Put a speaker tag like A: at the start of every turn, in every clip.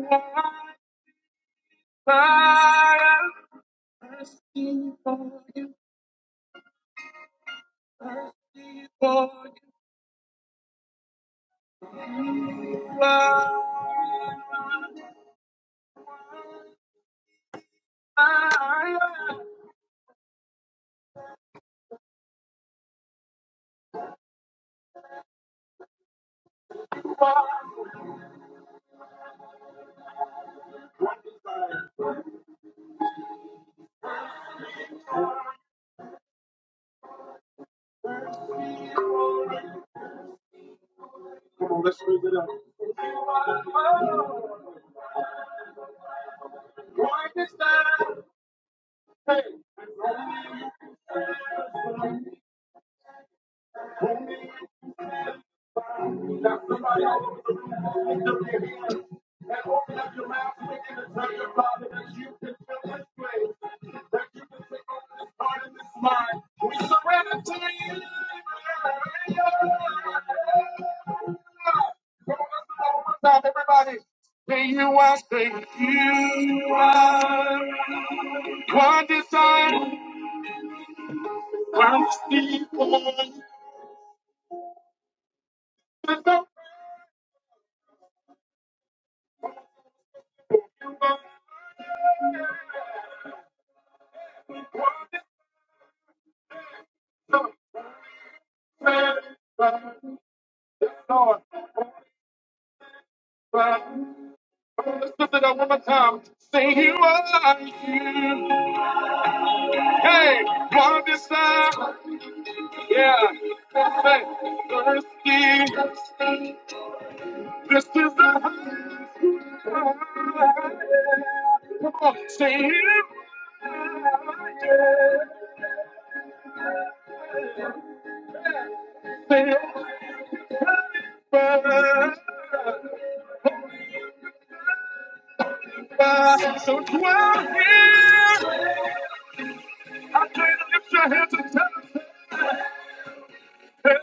A: Come on, let's raise it up. Now somebody open up your ears and open up your mouth and begin to tell your Father that you can fill His place, that you can take over this heart and this mind. We surrender to you. Stop everybody. Say you are, say you are. One desire, one sleep on. Lift up your hands, Lord, but let's lift it up one more time. Say you are, you. Hey, one desire, yeah. Say, thirsty. This is the heart. Come on, say you. Say you. So dwell here. I dare you to lift your hands and tell them, hey,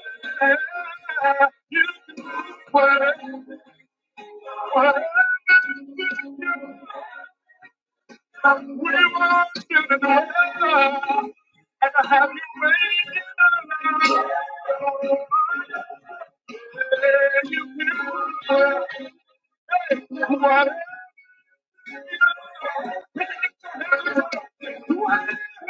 A: you can do whatever, whatever we want you to dwell. And I have you waiting around. Hey, you can do whatever, whatever, whatever.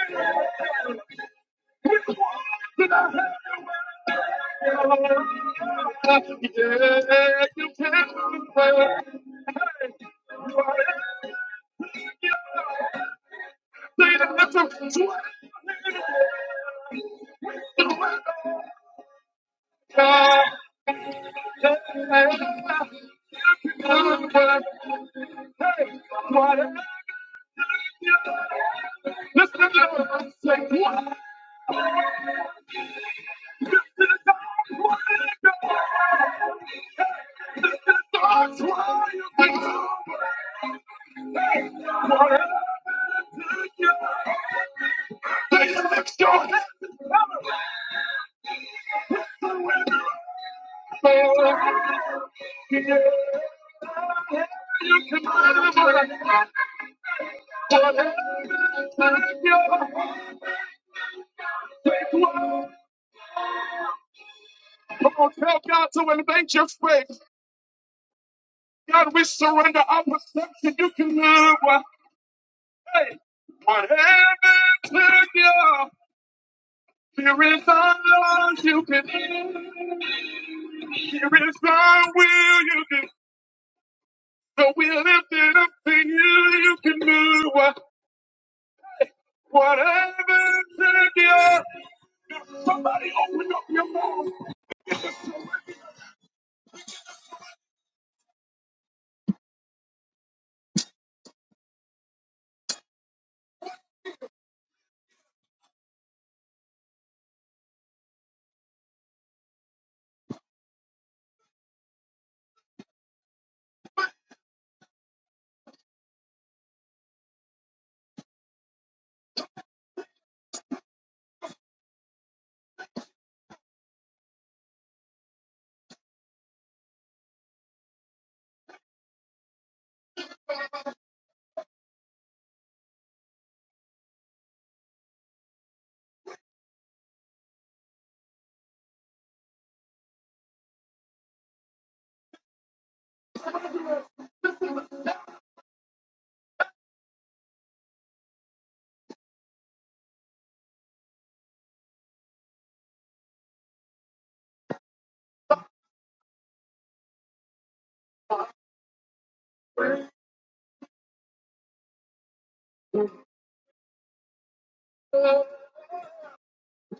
A: Yeah. Come on, tell God to invade your space. God, we surrender our perception. You can move. what- Hey, whatever took you, here is our love. You can Here is our will. You can. So we lift it up to you. You can do what- Whatever took you,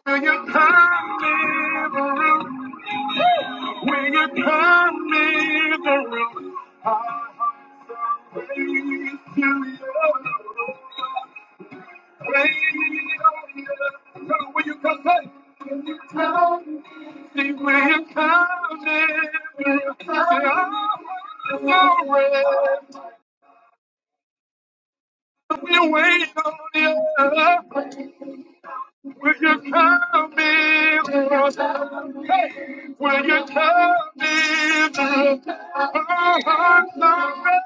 A: will you come When you come near the room, I praise to you. Praise to you. Tell when you come back. Tell me when you come near the room. Say, I want we wait on you. Will you come in? Will you come in? Oh, I'm sorry.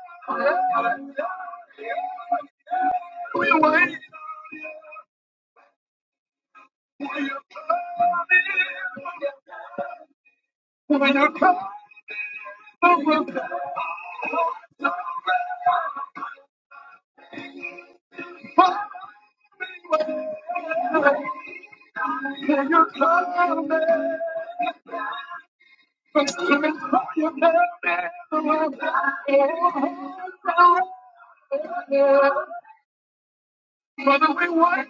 A: We wait. Will you come? Can you call me? Can you can call your name? Brother, we want.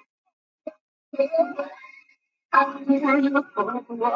A: Will you call me? Will you call me? Will you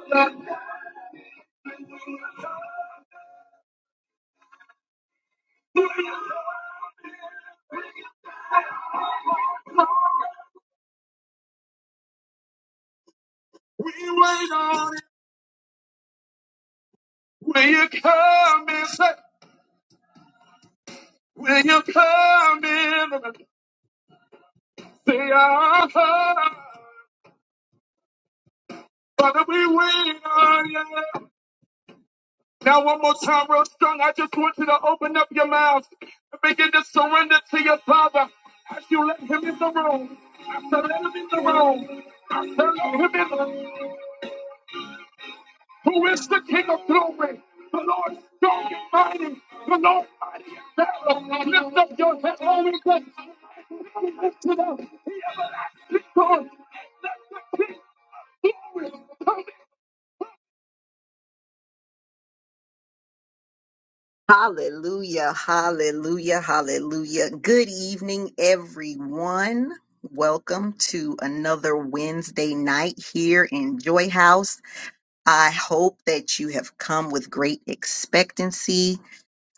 A: call me? We wait on it. Will you come and say, Will you come in? Say, I'll come. Father, we wait on you. Now, one more time, real strong. I just want you to open up your mouth and begin to surrender to your Father as you let Him in the room. as you let Him in the room. as you let Him in the room. Who is the King of glory? The Lord strong and mighty. The Lord mighty and battle. Lift up your head, all we can. Lift it up. He everlasting God. Let the King of glory come in. Hallelujah, hallelujah, hallelujah. Good evening, everyone. Welcome to another Wednesday night here in Joy House. I hope that you have come with great expectancy.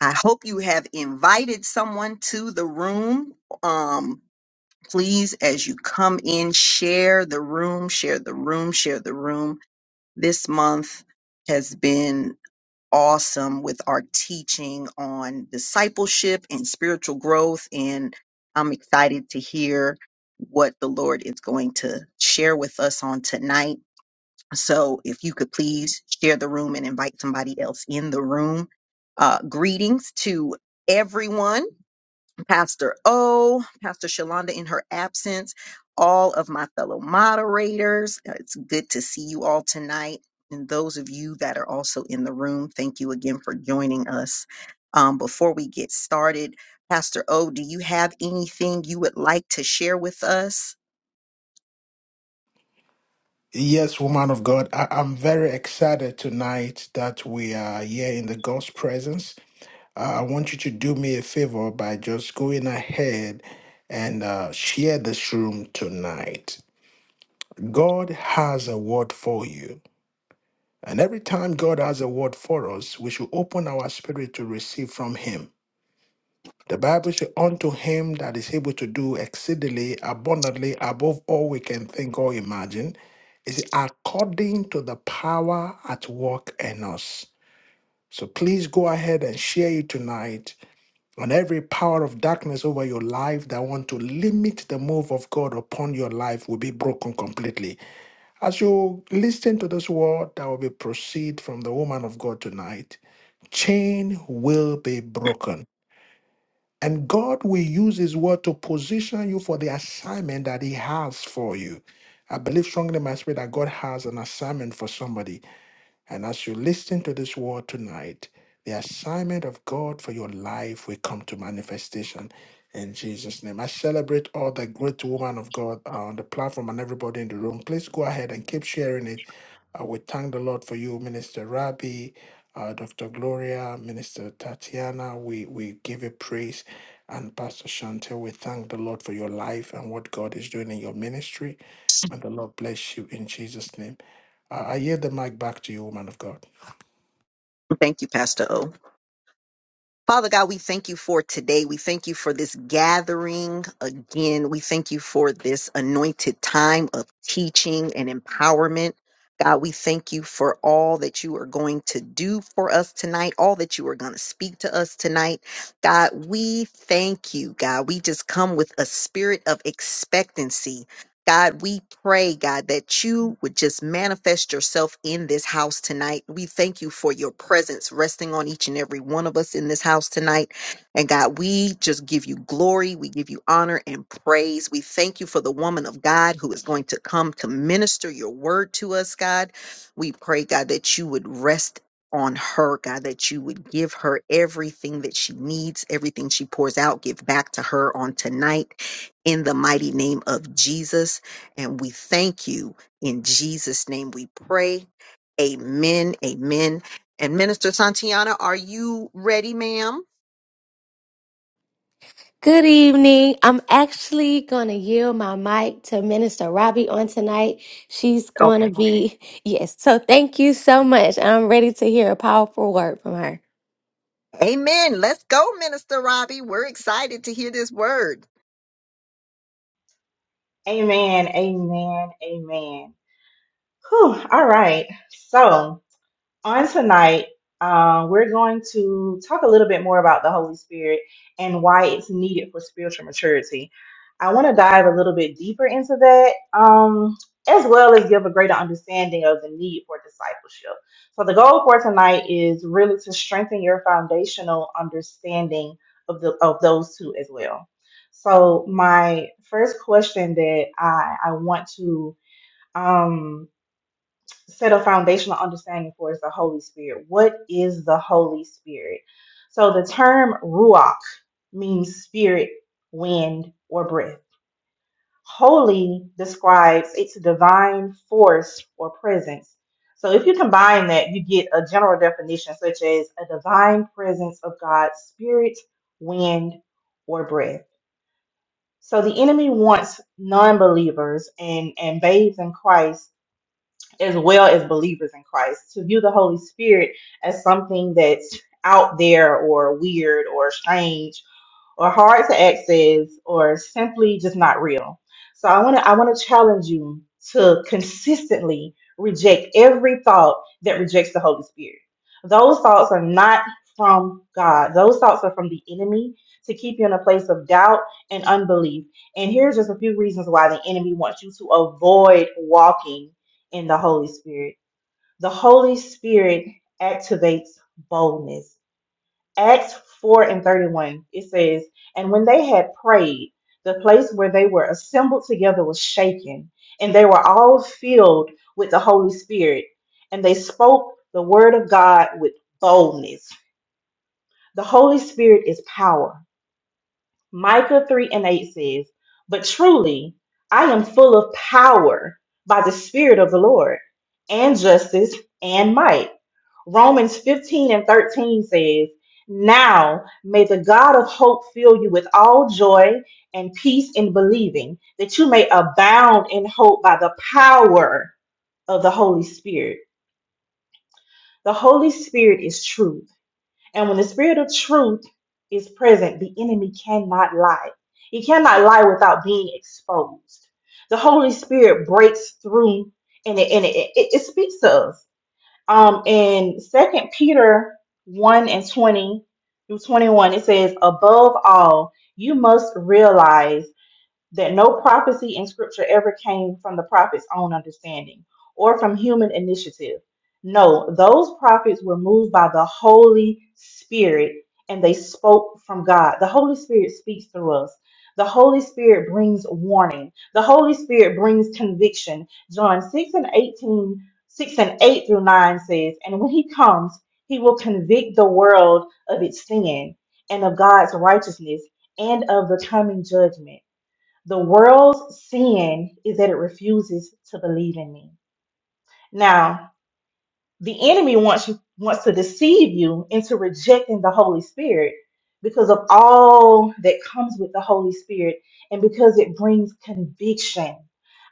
A: I hope you have invited someone to the room. Um, please, as you come in, share the room, share the room, share the room. This month has been awesome with our teaching on discipleship and spiritual growth. And I'm excited to hear what the Lord is going to share with us on tonight. So if you could please share the room and invite somebody else in the room. Uh, greetings to everyone. Pastor O, Pastor Shalonda in her absence, all of my fellow moderators. Uh, It's good to see you all tonight. And those of you that are also in the room, thank you again for joining us. Um, before we get started, Pastor O, do you have anything you would like to share with us?
B: Yes, woman of God, I, I'm very excited tonight that we are here in the God's presence. Uh, I want you to do me a favor by just going ahead and uh, share this room tonight. God has a word for you. And every time God has a word for us, we should open our spirit to receive from Him. The Bible says, Unto him that is able to do exceedingly abundantly above all we can think or imagine, is according to the power at work in us. So please go ahead and share it tonight on every power of darkness over your life that want to limit the move of God upon your life will be broken completely. As you listen to this word that will be proceed from the woman of God tonight, chain will be broken and God will use His word to position you for the assignment that He has for you. I believe strongly in my spirit that God has an assignment for somebody. And as you listen to this word tonight, the assignment of God for your life will come to manifestation in Jesus' name. I celebrate all the great woman of God uh, on the platform and everybody in the room. Please go ahead and keep sharing it. Uh, we thank the Lord for you, Minister Rabbi, uh, Dr. Gloria, Minister Tatiana. We, we give you praise. And Pastor Chantel, we thank the Lord for your life and what God is doing in your ministry. May the Lord bless you in Jesus' name. I, I yield the mic back to you, woman of God.
A: Thank you, Pastor O. Father God, we thank you for today. We thank you for this gathering again. We thank you for this anointed time of teaching and empowerment. God, we thank you for all that you are going to do for us tonight, all that you are going to speak to us tonight. God, we thank you, God. We just come with a spirit of expectancy God, we pray, God, that you would just manifest yourself in this house tonight. We thank you for your presence resting on each and every one of us in this house tonight. And God, we just give you glory. We give you honor and praise. We thank you for the woman of God who is going to come to minister your word to us, God. We pray, God, that you would rest on her, God, that you would give her everything that she needs, everything she pours out, give back to her on tonight in the mighty name of Jesus. And we thank you. In Jesus' name we pray. Amen. Amen. And Minister Santiana, are you ready, ma'am?
C: Good evening. I'm actually going to yield my mic to Minister Robbie on tonight. She's going to
A: Okay.
C: be, yes. So thank you so much. I'm ready to hear a powerful word from her.
A: Amen. Let's go, Minister Robbie. We're excited to hear this word.
D: Amen. Amen. Amen. Whew, all right. So on tonight, uh, we're going to talk a little bit more about the Holy Spirit and why it's needed for spiritual maturity. I want to dive a little bit deeper into that, um, as well as give a greater understanding of the need for discipleship. So, the goal for tonight is really to strengthen your foundational understanding of the of those two as well. So, my first question that I I want to um, set a foundational understanding for is the Holy Spirit. What is the Holy Spirit? So the term ruach means spirit, wind, or breath. Holy describes its divine force or presence. So if you combine that, you get a general definition such as a divine presence of God's spirit, wind, or breath. So the enemy wants non-believers and and babes in Christ as well as believers in Christ, to view the Holy Spirit as something that's out there or weird or strange or hard to access or simply just not real. So I want to I want to challenge you to consistently reject every thought that rejects the Holy Spirit. Those thoughts are not from God. Those thoughts are from the enemy to keep you in a place of doubt and unbelief. And here's just a few reasons why the enemy wants you to avoid walking in the Holy Spirit. The Holy Spirit activates boldness. Acts 4 and 31, it says, And when they had prayed, the place where they were assembled together was shaken, and they were all filled with the Holy Spirit, and they spoke the word of God with boldness. The Holy Spirit is power. Micah 3 and 8 says, But truly, I am full of power by the Spirit of the Lord, and justice and might. Romans 15 and 13 says, Now may the God of hope fill you with all joy and peace in believing, that you may abound in hope by the power of the Holy Spirit. The Holy Spirit is truth. And when the Spirit of truth is present, the enemy cannot lie. He cannot lie without being exposed. The Holy Spirit breaks through and it, and it, it, it speaks to us. Um, in Second Peter one and twenty through twenty one, it says, "Above all, you must realize." that no prophecy in scripture ever came from the prophet's own understanding or from human initiative. No, those prophets were moved by the Holy Spirit and they spoke from God. The Holy Spirit speaks through us. The Holy Spirit brings warning. The Holy Spirit brings conviction. John 6 and 18, 6 and 8 through 9 says, And when he comes, he will convict the world of its sin and of God's righteousness and of the coming judgment. The world's sin is that it refuses to believe in me. Now, the enemy wants you wants to deceive you into rejecting the Holy Spirit because of all that comes with the Holy Spirit and because it brings conviction.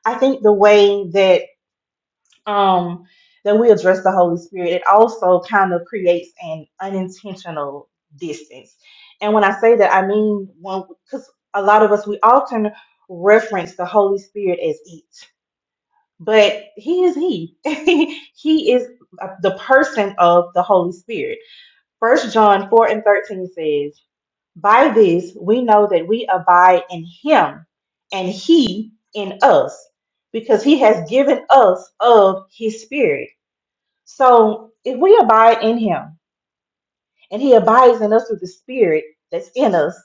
D: I think the way that um, that we address the Holy Spirit, it also kind of creates an unintentional distance. And when I say that, I mean one because a lot of us we often reference the Holy Spirit as it, but He is He. he is uh, the person of the Holy Spirit. First John four and thirteen says, "By this we know that we abide in Him, and He in us." Because he has given us of his spirit. So if we abide in him and he abides in us through the spirit that's in us,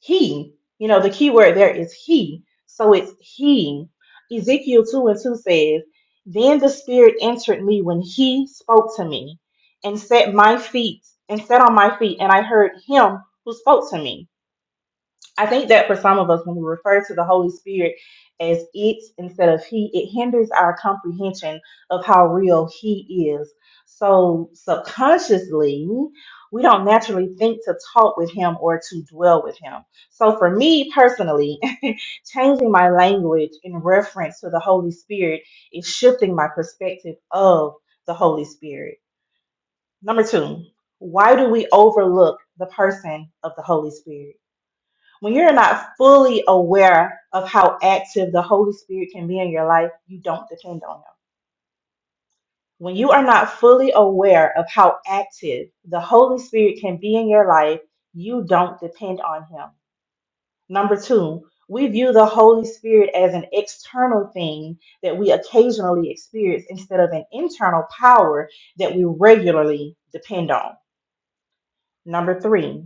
D: he, you know, the key word there is he. So it's he. Ezekiel 2 and 2 says, Then the spirit entered me when he spoke to me and set my feet and set on my feet, and I heard him who spoke to me. I think that for some of us, when we refer to the Holy Spirit as it instead of he, it hinders our comprehension of how real he is. So subconsciously, we don't naturally think to talk with him or to dwell with him. So for me personally, changing my language in reference to the Holy Spirit is shifting my perspective of the Holy Spirit. Number two, why do we overlook the person of the Holy Spirit? when you're not fully aware of how active the Holy Spirit can be in your life, you don't depend on Him. When you are not fully aware of how active the Holy Spirit can be in your life, you don't depend on Him. Number two, we view the Holy Spirit as an external thing that we occasionally experience instead of an internal power that we regularly depend on. Number three,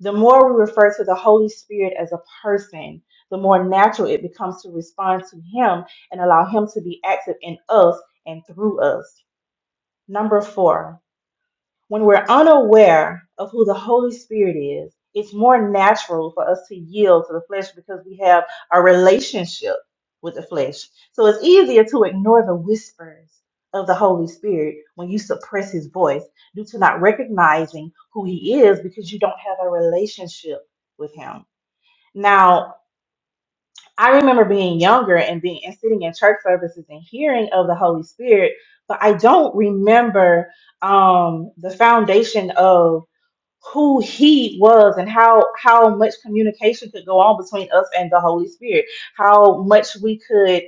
D: The more we refer to the Holy Spirit as a person, the more natural it becomes to respond to Him and allow Him to be active in us and through us. Number four, when we're unaware of who the Holy Spirit is, it's more natural for us to yield to the flesh because we have a relationship with the flesh. So it's easier to ignore the whispers of the Holy Spirit when you suppress his voice due to not recognizing who he is because you don't have a relationship with him. Now, I remember being younger and being and sitting in church services and hearing of the Holy Spirit, but I don't remember um, the foundation of who he was and how how much communication could go on between us and the Holy Spirit, how much we could,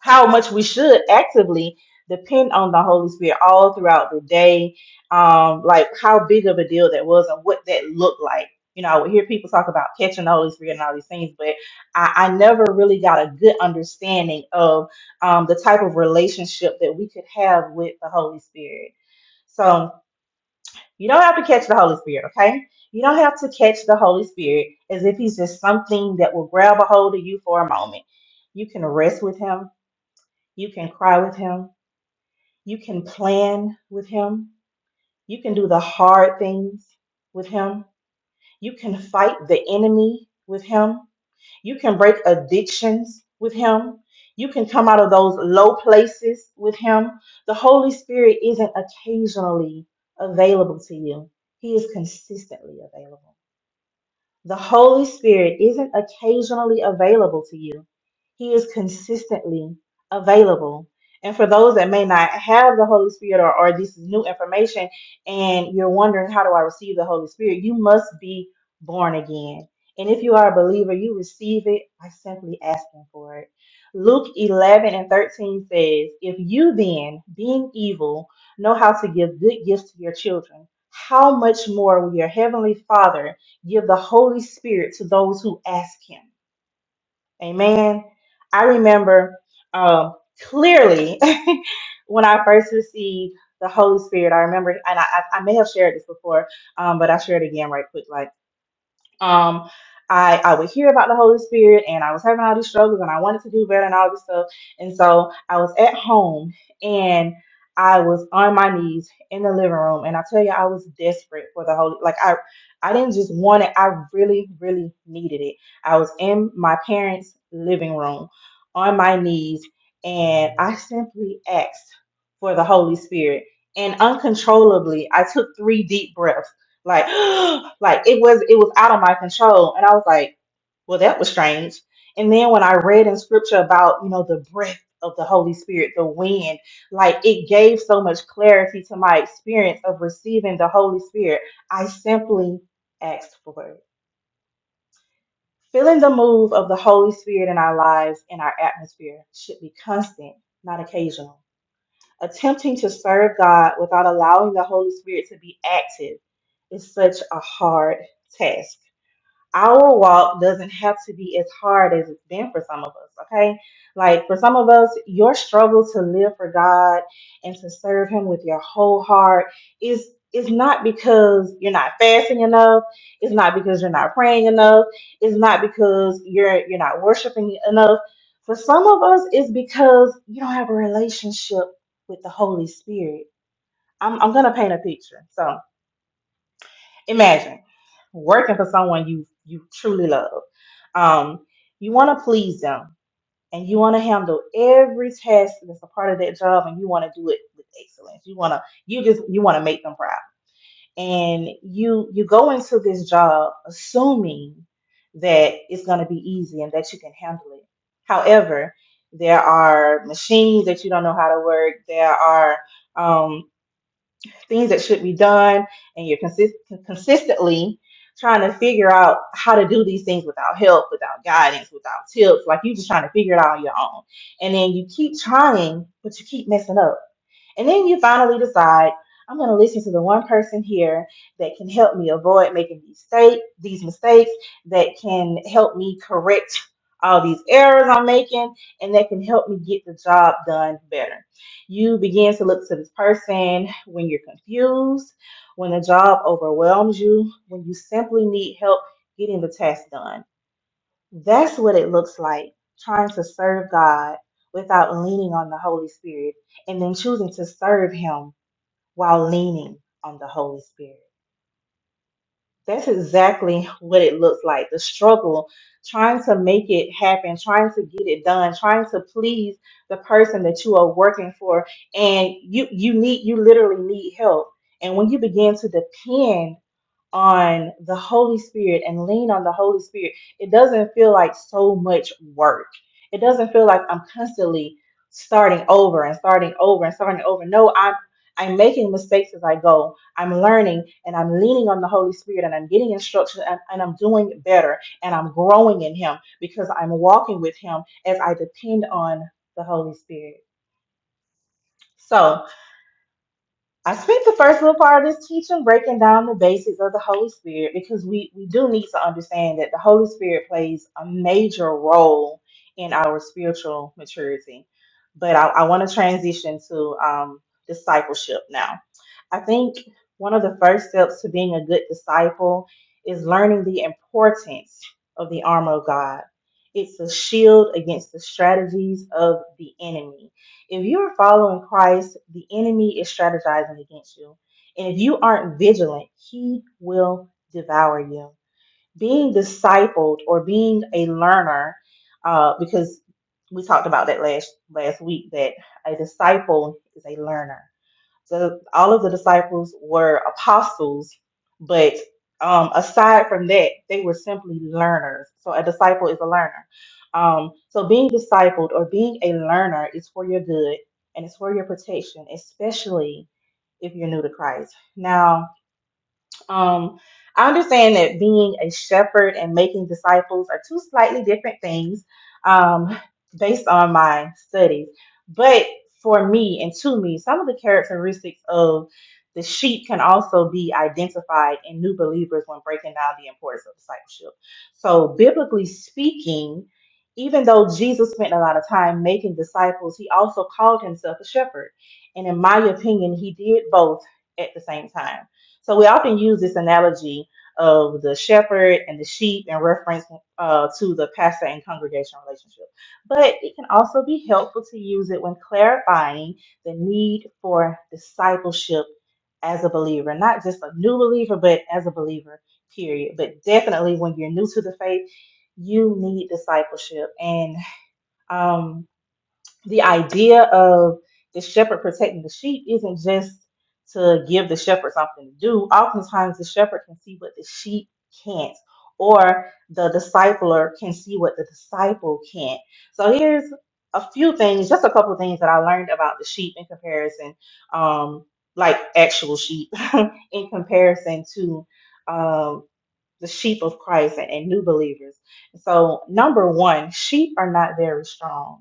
D: how much we should actively depend on the Holy Spirit all throughout the day, um, like how big of a deal that was and what that looked like. You know, I would hear people talk about catching the Holy Spirit and all these things, but I, I never really got a good understanding of um, the type of relationship that we could have with the Holy Spirit. So you don't have to catch the Holy Spirit, okay? You don't have to catch the Holy Spirit as if he's just something that will grab a hold of you for a moment. You can rest with him. You can cry with him. You can plan with him. You can do the hard things with him. You can fight the enemy with him. You can break addictions with Him. You can come out of those low places with Him. The Holy Spirit isn't occasionally available to you, He is consistently available. The Holy Spirit isn't occasionally available to you, He is consistently available. And for those that may not have the Holy Spirit or, or this is new information and you're wondering, how do I receive the Holy Spirit? You must be born again. And if you are a believer, you receive it by simply asking for it. Luke 11 and 13 says, If you then, being evil, know how to give good gifts to your children, how much more will your heavenly Father? give the Holy Spirit to those who ask Him. Amen. I remember um, clearly when I first received the Holy Spirit. I remember, and I, I I may have shared this before, um, but I shared it again right quick. like um I, I would hear about the Holy Spirit and I was having all these struggles and I wanted to do better and all this stuff. And so I was at home and I was on my knees in the living room and I tell you I was desperate for the Holy like I I didn't just want it, I really, really needed it. I was in my parents' living room on my knees and I simply asked for the Holy Spirit. And uncontrollably, I took three deep breaths like, like it was it was out of my control. And I was like, well, that was strange. And then when I read in scripture about, you know, the breath of the Holy Spirit, the wind, like it gave so much clarity to my experience of receiving the Holy Spirit. I simply asked for it. Feeling the move of the Holy Spirit in our lives and our atmosphere should be constant, not occasional. Attempting to serve God without allowing the Holy Spirit to be active is such a hard task our walk doesn't have to be as hard as it's been for some of us, okay? Like for some of us, your struggle to live for God and to serve him with your whole heart is is not because you're not fasting enough, it's not because you're not praying enough, it's not because you're you're not worshiping enough. For some of us, it's because you don't have a relationship with the Holy Spirit. I'm I'm gonna paint a picture. so. Imagine working for someone you you truly love. Um, you want to please them, and you want to handle every task that's a part of that job, and you want to do it with excellence. You want to you just you want to make them proud, and you you go into this job assuming that it's going to be easy and that you can handle it. However, there are machines that you don't know how to work. There are um, things that should be done, and you're consist- consistently trying to figure out how to do these things without help, without guidance, without tips. Like you're just trying to figure it out on your own. And then you keep trying, but you keep messing up and then you finally decide, I'm going to listen to the one person here that can help me avoid making these mistake, these mistakes, that can help me correct all these errors I'm making, and that can help me get the job done better. You begin to look to this person when you're confused, when the job overwhelms you, when you simply need help getting the task done. That's what it looks like trying to serve God without leaning on the Holy Spirit and then choosing to serve Him while leaning on the Holy Spirit. That's exactly what it looks like the struggle, trying to make it happen, trying to get it done, trying to please the person that you are working for. And you, you need, you literally need help. And when you begin to depend on the Holy Spirit and lean on the Holy Spirit, it doesn't feel like so much work. It doesn't feel like I'm constantly starting over and starting over and starting over. No, I'm I'm making mistakes as I go. I'm learning and I'm leaning on the Holy Spirit and I'm getting instruction and, and I'm doing better and I'm growing in Him because I'm walking with Him as I depend on the Holy Spirit. So, I spent the first little part of this teaching breaking down the basics of the Holy Spirit because we, we do need to understand that the Holy Spirit plays a major role in our spiritual maturity. But I, I want to transition to um, discipleship now. I think one of the first steps to being a good disciple is learning the importance of the armor of God. It's a shield against the strategies of the enemy. If you're following Christ, the enemy is strategizing against you. And if you aren't vigilant, he will devour you. Being discipled or being a learner, uh, because we talked about that last last week, that a disciple is a learner so all of the disciples were apostles, but um, aside from that, they were simply learners. So a disciple is a learner. Um, so being discipled or being a learner is for your good and it's for your protection, especially if you're new to Christ. Now, um, I understand that being a shepherd and making disciples are two slightly different things um, based on my studies. But for me and to me, some of the characteristics of the sheep can also be identified in new believers when breaking down the importance of discipleship. So, biblically speaking, even though Jesus spent a lot of time making disciples, he also called himself a shepherd. And in my opinion, he did both at the same time. So we often use this analogy of the shepherd and the sheep in reference uh, to the pastor and congregation relationship. But it can also be helpful to use it when clarifying the need for discipleship as a believer, not just a new believer, but as a believer, period. But definitely when you're new to the faith, you need discipleship. And um, the idea of the shepherd protecting the sheep isn't just to give the shepherd something to do. Oftentimes, the shepherd can see what the sheep can't, or the discipler can see what the disciple can't. So, here's a few things, just a couple of things that I learned about the sheep in comparison, um, like actual sheep, in comparison to um, the sheep of Christ and, and new believers. So, number one, sheep are not very strong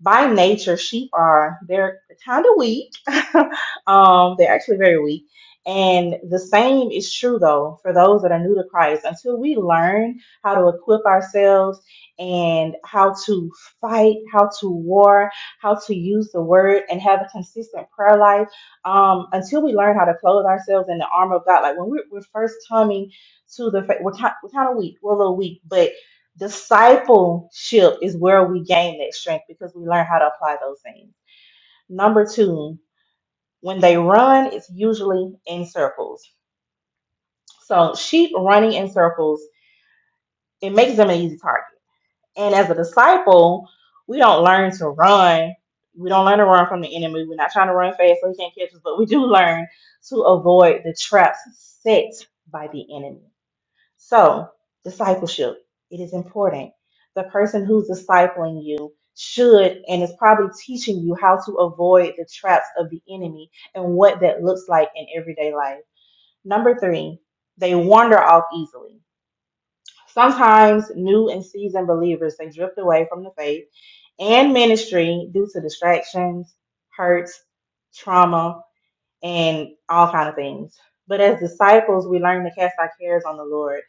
D: by nature, sheep are they're kind of weak. um, they're actually very weak. And the same is true though for those that are new to Christ. Until we learn how to equip ourselves and how to fight, how to war, how to use the word and have a consistent prayer life, um, until we learn how to clothe ourselves in the armor of God, like when we're, we're first coming to the faith, we're kind, we're kind of weak, we're a little weak, but Discipleship is where we gain that strength because we learn how to apply those things. Number two, when they run, it's usually in circles. So sheep running in circles, it makes them an easy target. And as a disciple, we don't learn to run. We don't learn to run from the enemy. We're not trying to run fast so he can't catch us, but we do learn to avoid the traps set by the enemy. So, discipleship, it is important. The person who's discipling you should and is probably teaching you how to avoid the traps of the enemy and what that looks like in everyday life. Number three, they wander off easily. Sometimes new and seasoned believers they drift away from the faith and ministry due to distractions, hurts, trauma, and all kind of things. But as disciples, we learn to cast our cares on the Lord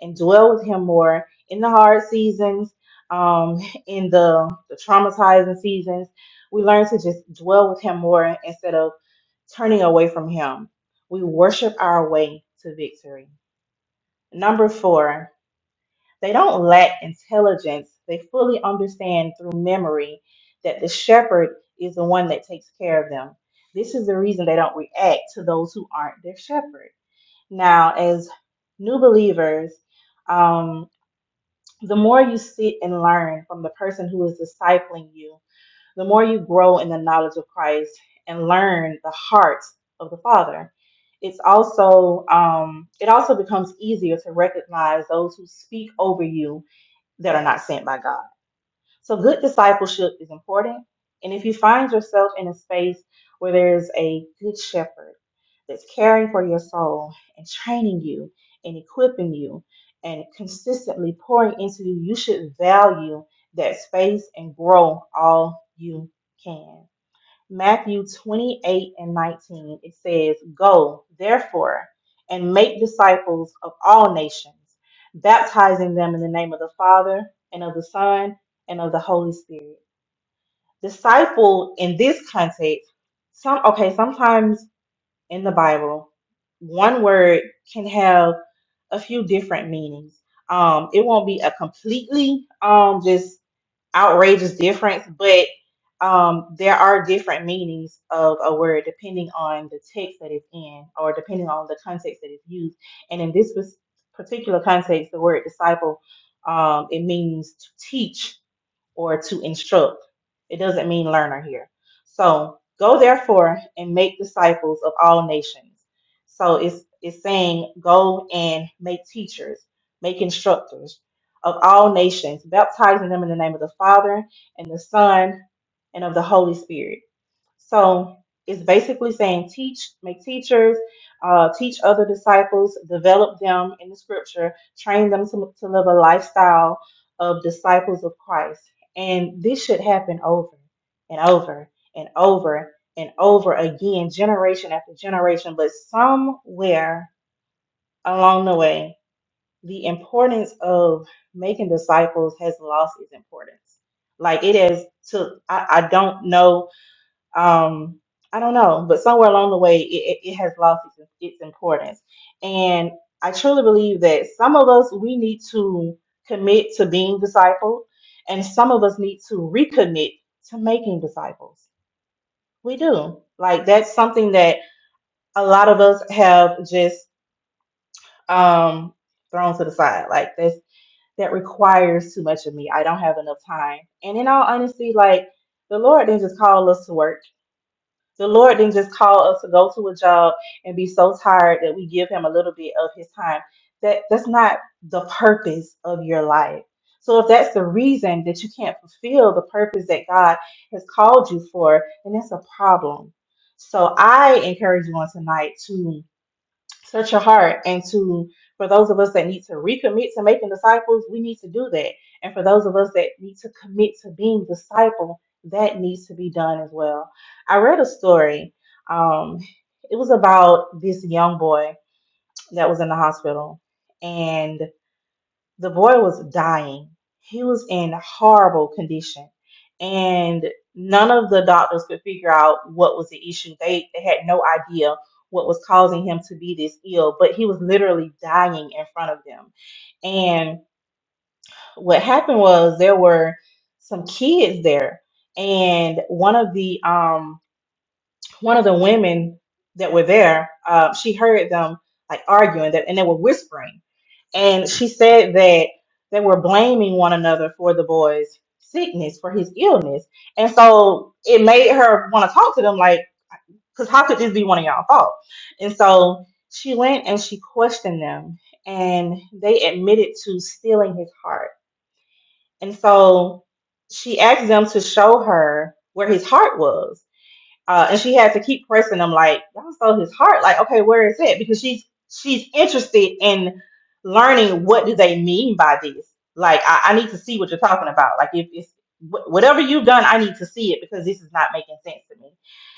D: and dwell with Him more in the hard seasons, um, in the, the traumatizing seasons. We learn to just dwell with Him more instead of turning away from Him. We worship our way to victory. Number four, they don't lack intelligence. They fully understand through memory that the shepherd is the one that takes care of them. This is the reason they don't react to those who aren't their shepherd. Now, as new believers, um, the more you sit and learn from the person who is discipling you, the more you grow in the knowledge of Christ and learn the heart of the Father. It's also um, it also becomes easier to recognize those who speak over you that are not sent by God. So good discipleship is important. And if you find yourself in a space where there is a good shepherd that's caring for your soul and training you and equipping you and consistently pouring into you, you should value that space and grow all you can. Matthew 28 and 19, it says, Go, therefore, and make disciples of all nations, baptizing them in the name of the Father, and of the Son, and of the Holy Spirit. Disciple in this context, some okay, sometimes in the Bible, one word can have a few different meanings. Um, it won't be a completely um just outrageous difference, but um, there are different meanings of a word depending on the text that it's in or depending on the context that it's used. And in this pers- particular context, the word disciple, um, it means to teach or to instruct. It doesn't mean learner here. So go therefore and make disciples of all nations. So it's it's saying go and make teachers, make instructors of all nations, baptizing them in the name of the Father and the Son and of the Holy Spirit so it's basically saying teach, make teachers, uh, teach other disciples, develop them in the scripture, train them to, to live a lifestyle of disciples of Christ. And this should happen over and over and over and over again, generation after generation. But somewhere along the way, the importance of making disciples has lost its importance. Like it has took, I, I don't know um i don't know but somewhere along the way it, it, it has lost its, its importance and i truly believe that some of us we need to commit to being discipled and some of us need to recommit to making disciples we do like that's something that a lot of us have just um thrown to the side like this that requires too much of me i don't have enough time and in all honesty like the lord didn't just call us to work The Lord didn't just call us to go to a job and be so tired that we give him a little bit of his time. That that's not the purpose of your life. So if that's the reason that you can't fulfill the purpose that God has called you for, then that's a problem. So I encourage you on tonight to Search your heart. And to for those of us that need to recommit to making disciples, we need to do that. And for those of us that need to commit to being disciple, that needs to be done as well. I read a story. Um, it was about this young boy that was in the hospital, and. The boy was dying. He was in horrible condition. And none of the doctors could figure out what was the issue. They, they had no idea what was causing him to be this ill, but he was literally dying in front of them. And what happened was there were some kids there, and one of the um one of the women that were there, uh, she heard them like arguing that, and they were whispering and she said that they were blaming one another for the boy's sickness, for his illness, and so it made her want to talk to them, like, because how could this be one of y'all fault? And so she went and she questioned them, and they admitted to stealing his heart. And so she asked them to show her where his heart was uh, and she had to keep pressing them like y'all stole his heart like okay where is it because she's she's interested in learning what do they mean by this like i, I need to see what you're talking about like if it's wh- whatever you've done i need to see it because this is not making sense to me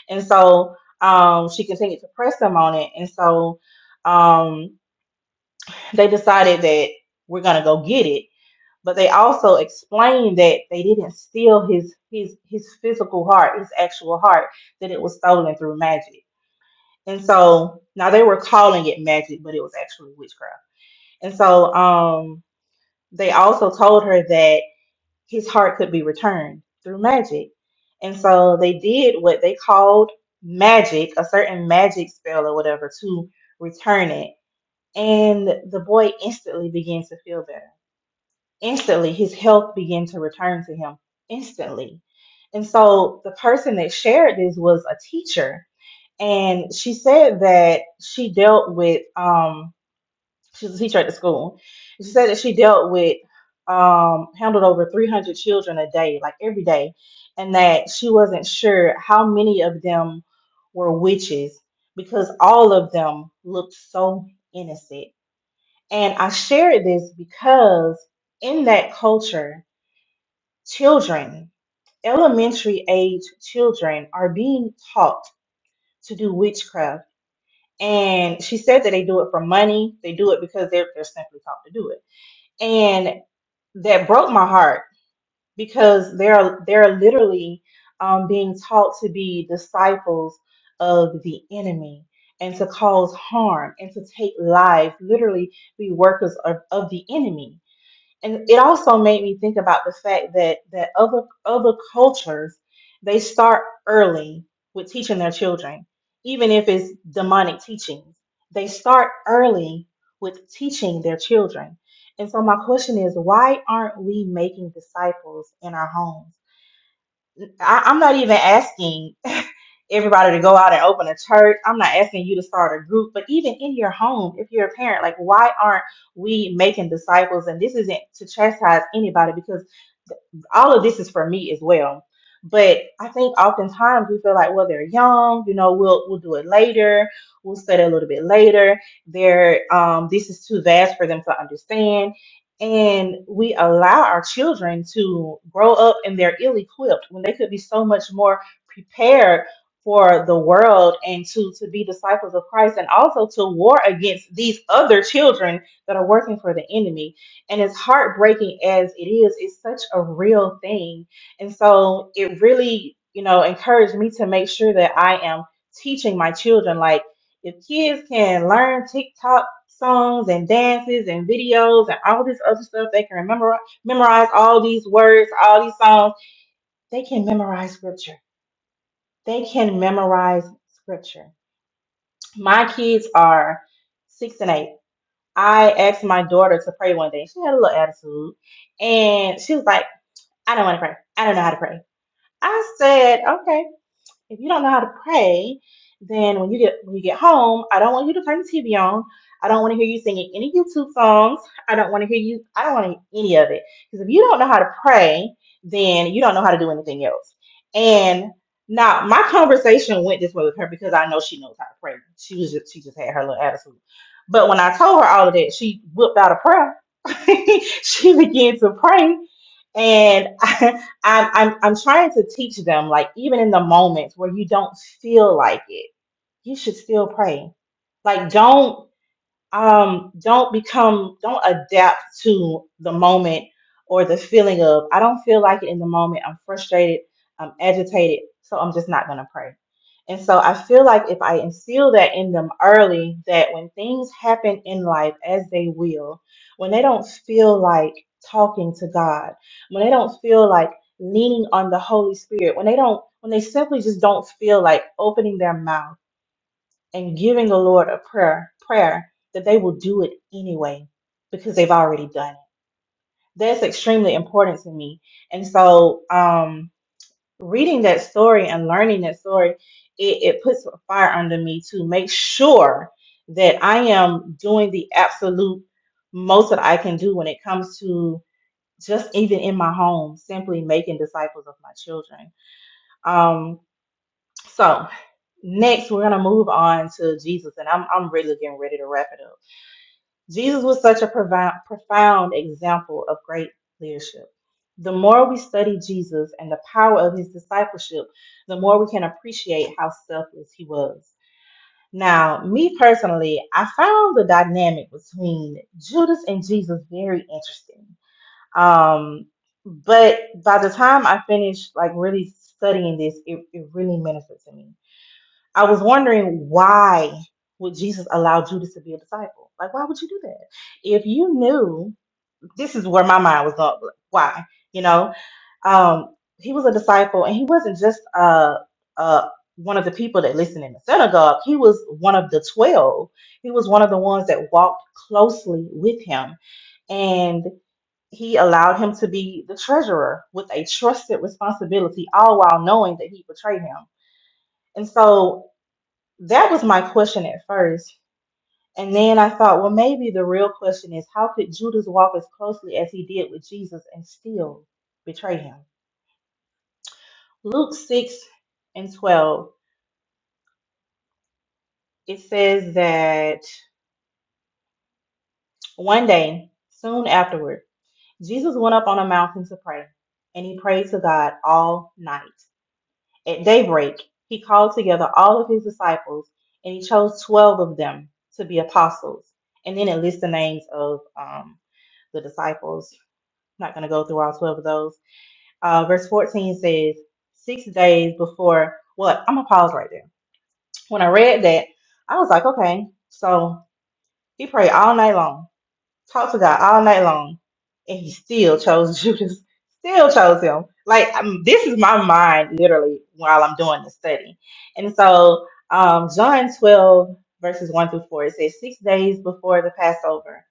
D: and so um, she continued to press them on it and so um, they decided that we're gonna go get it but they also explained that they didn't steal his his his physical heart, his actual heart, that it was stolen through magic. And so now they were calling it magic, but it was actually witchcraft. And so um they also told her that his heart could be returned through magic. And so they did what they called magic, a certain magic spell or whatever to return it. And the boy instantly began to feel better Instantly, his health began to return to him instantly. And so the person that shared this was a teacher. And she said that she dealt with, um, she was a teacher at the school. She said that she dealt with, um, handled over 300 children a day, like every day. And that she wasn't sure how many of them were witches because all of them looked so innocent. And I shared this because in that culture, Children, elementary age children, are being taught to do witchcraft. And she said that they do it for money, they do it because they're, they're simply taught to do it. And that broke my heart because they're, they're literally um, being taught to be disciples of the enemy and to cause harm and to take lives, literally be workers of, of the enemy and it also made me think about the fact that that other other cultures they start early with teaching their children even if it's demonic teachings they start early with teaching their children and so my question is why aren't we making disciples in our homes I, i'm not even asking everybody to go out and open a church. I'm not asking you to start a group, but even in your home, if you're a parent, like why aren't we making disciples? And this isn't to chastise anybody because all of this is for me as well. But I think oftentimes we feel like, well, they're young, you know, we'll we'll do it later, we'll study a little bit later. They're um, this is too vast for them to understand, and we allow our children to grow up and they're ill-equipped when they could be so much more prepared for the world and to to be disciples of Christ and also to war against these other children that are working for the enemy and as heartbreaking as it is, it's such a real thing. And so it really, you know, encouraged me to make sure that I am teaching my children. Like, if kids can learn TikTok songs and dances and videos and all this other stuff, they can remember, memorize all these words, all these songs, they can memorize scripture. They can memorize scripture. My kids are six and eight I asked my daughter to pray one day. She had a little attitude. And she was like, I don't want to pray. I don't know how to pray. I said, okay if you don't know how to pray, then when you get when you get home, I don't want you to turn the TV on. I don't want to hear you singing any YouTube songs. I don't want to hear you. I don't want to hear any of it because if you don't know how to pray, then you don't know how to do anything else. And now my conversation went this way with her because I know she knows how to pray. She was just she just had her little attitude. But when I told her all of that, she whipped out a prayer. she began to pray, and I, I'm, I'm I'm trying to teach them like even in the moments where you don't feel like it, you should still pray. Like don't um don't become don't adapt to the moment or the feeling of i don't feel like it in the moment i'm frustrated i'm agitated so i'm just not going to pray and so i feel like if i instill that in them early that when things happen in life as they will when they don't feel like talking to god when they don't feel like leaning on the holy spirit when they don't when they simply just don't feel like opening their mouth and giving the Lord a prayer, prayer that they will do it anyway because they've already done it. That's extremely important to me. And so, um, reading that story and learning that story, it, it puts a fire under me to make sure that I am doing the absolute most that I can do when it comes to just even in my home, simply making disciples of my children. Um, so next we're gonna move on to Jesus, and I'm I'm really getting ready to wrap it up. Jesus was such a profound profound example of great leadership. The more we study Jesus and the power of his discipleship, the more we can appreciate how selfless he was. Now, me personally, I found the dynamic between Judas and Jesus very interesting. Um, but by the time I finished like really studying this, it, it really ministered to me I was wondering why would Jesus allow Judas to be a disciple? Like, why would you do that? If you knew, this is where my mind was up. like, Why? You know, um, he was a disciple, and he wasn't just uh, uh, one of the people that listened in the synagogue. He was one of the twelve. He was one of the ones that walked closely with him, and he allowed him to be the treasurer with a trusted responsibility, all while knowing that he betrayed him. And so that was my question at first. And then I thought, well, maybe the real question is how could Judas walk as closely as he did with Jesus and still betray him? Luke 6 and 12, it says that one day, soon afterward, Jesus went up on a mountain to pray, and he prayed to God all night. At daybreak, he called together all of his disciples, and he chose 12 of them to be apostles. And then it lists the names of um, the disciples I'm not going to go through all 12 of those. Uh, verse 14 says, Six days before what? I'm going to pause right there. When I read that, I was like, okay. So he prayed all night long, talked to God all night long, and he still chose Judas, still chose him. Like, I'm, this is my mind literally while I'm doing the study. And so, um, John 12, verses 1 through 4, it says, Six days before the Passover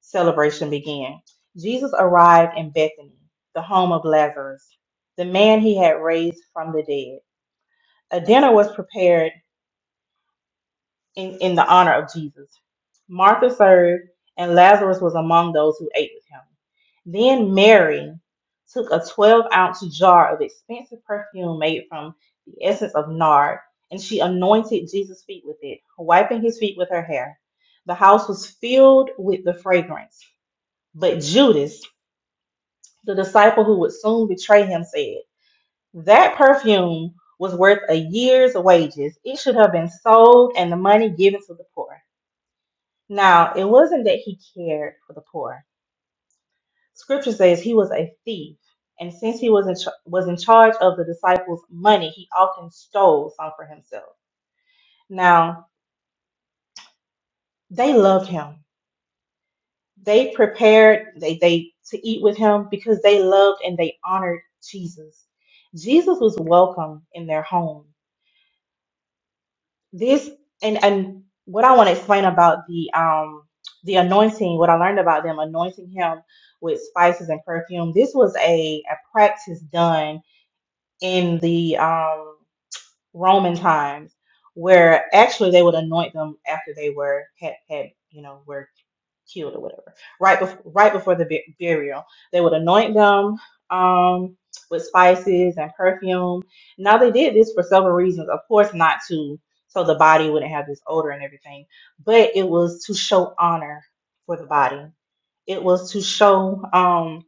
D: celebration began. Jesus arrived in Bethany, the home of Lazarus, the man he had raised from the dead. A dinner was prepared in, in the honor of Jesus. Martha served, and Lazarus was among those who ate with him. Then Mary took a 12 ounce jar of expensive perfume made from the essence of nard, and she anointed Jesus' feet with it, wiping his feet with her hair. The house was filled with the fragrance. But Judas, The disciple who would soon betray him said, That perfume was worth a year's wages. It should have been sold and the money given to the poor. Now, it wasn't that he cared for the poor. Scripture says he was a thief, and since he was in, ch- was in charge of the disciples' money, he often stole some for himself. Now, they loved him. They prepared they, they to eat with him because they loved and they honored Jesus. Jesus was welcome in their home. this and and what I want to explain about the um the anointing, what I learned about them anointing him with spices and perfume. This was a a practice done in the um Roman times where actually they would anoint them after they were had had you know were killed or whatever. Right before right before the bu- burial, they would anoint them um, with spices and perfume. Now they did this for several reasons. Of course, not to so the body wouldn't have this odor and everything, but it was to show honor for the body. It was to show. um,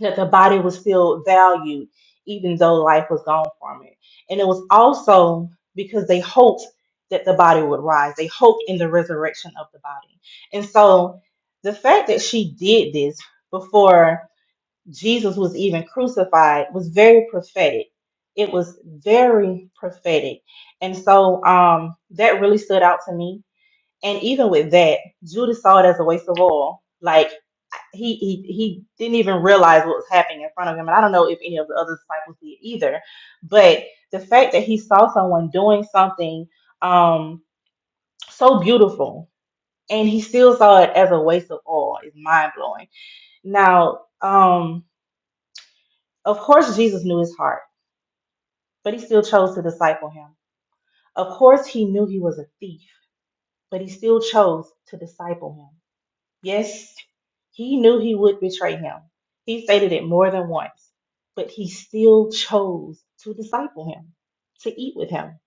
D: that the body was still valued even though life was gone from it. And it was also because they hoped that the body would rise. They hoped in the resurrection of the body. And so the fact that she did this before Jesus was even crucified was very prophetic. It was very prophetic. And so um that really stood out to me. And even with that, Judas saw it as a waste of oil. Like he he he didn't even realize what was happening in front of him and i don't know if any of the other disciples did either but the fact that he saw someone doing something um so beautiful and he still saw it as a waste of oil is mind-blowing now um of course jesus knew his heart but he still chose to disciple him of course he knew he was a thief but he still chose to disciple him Yes, he knew he would betray him. He stated it more than once, but he still chose to disciple him, to eat with him,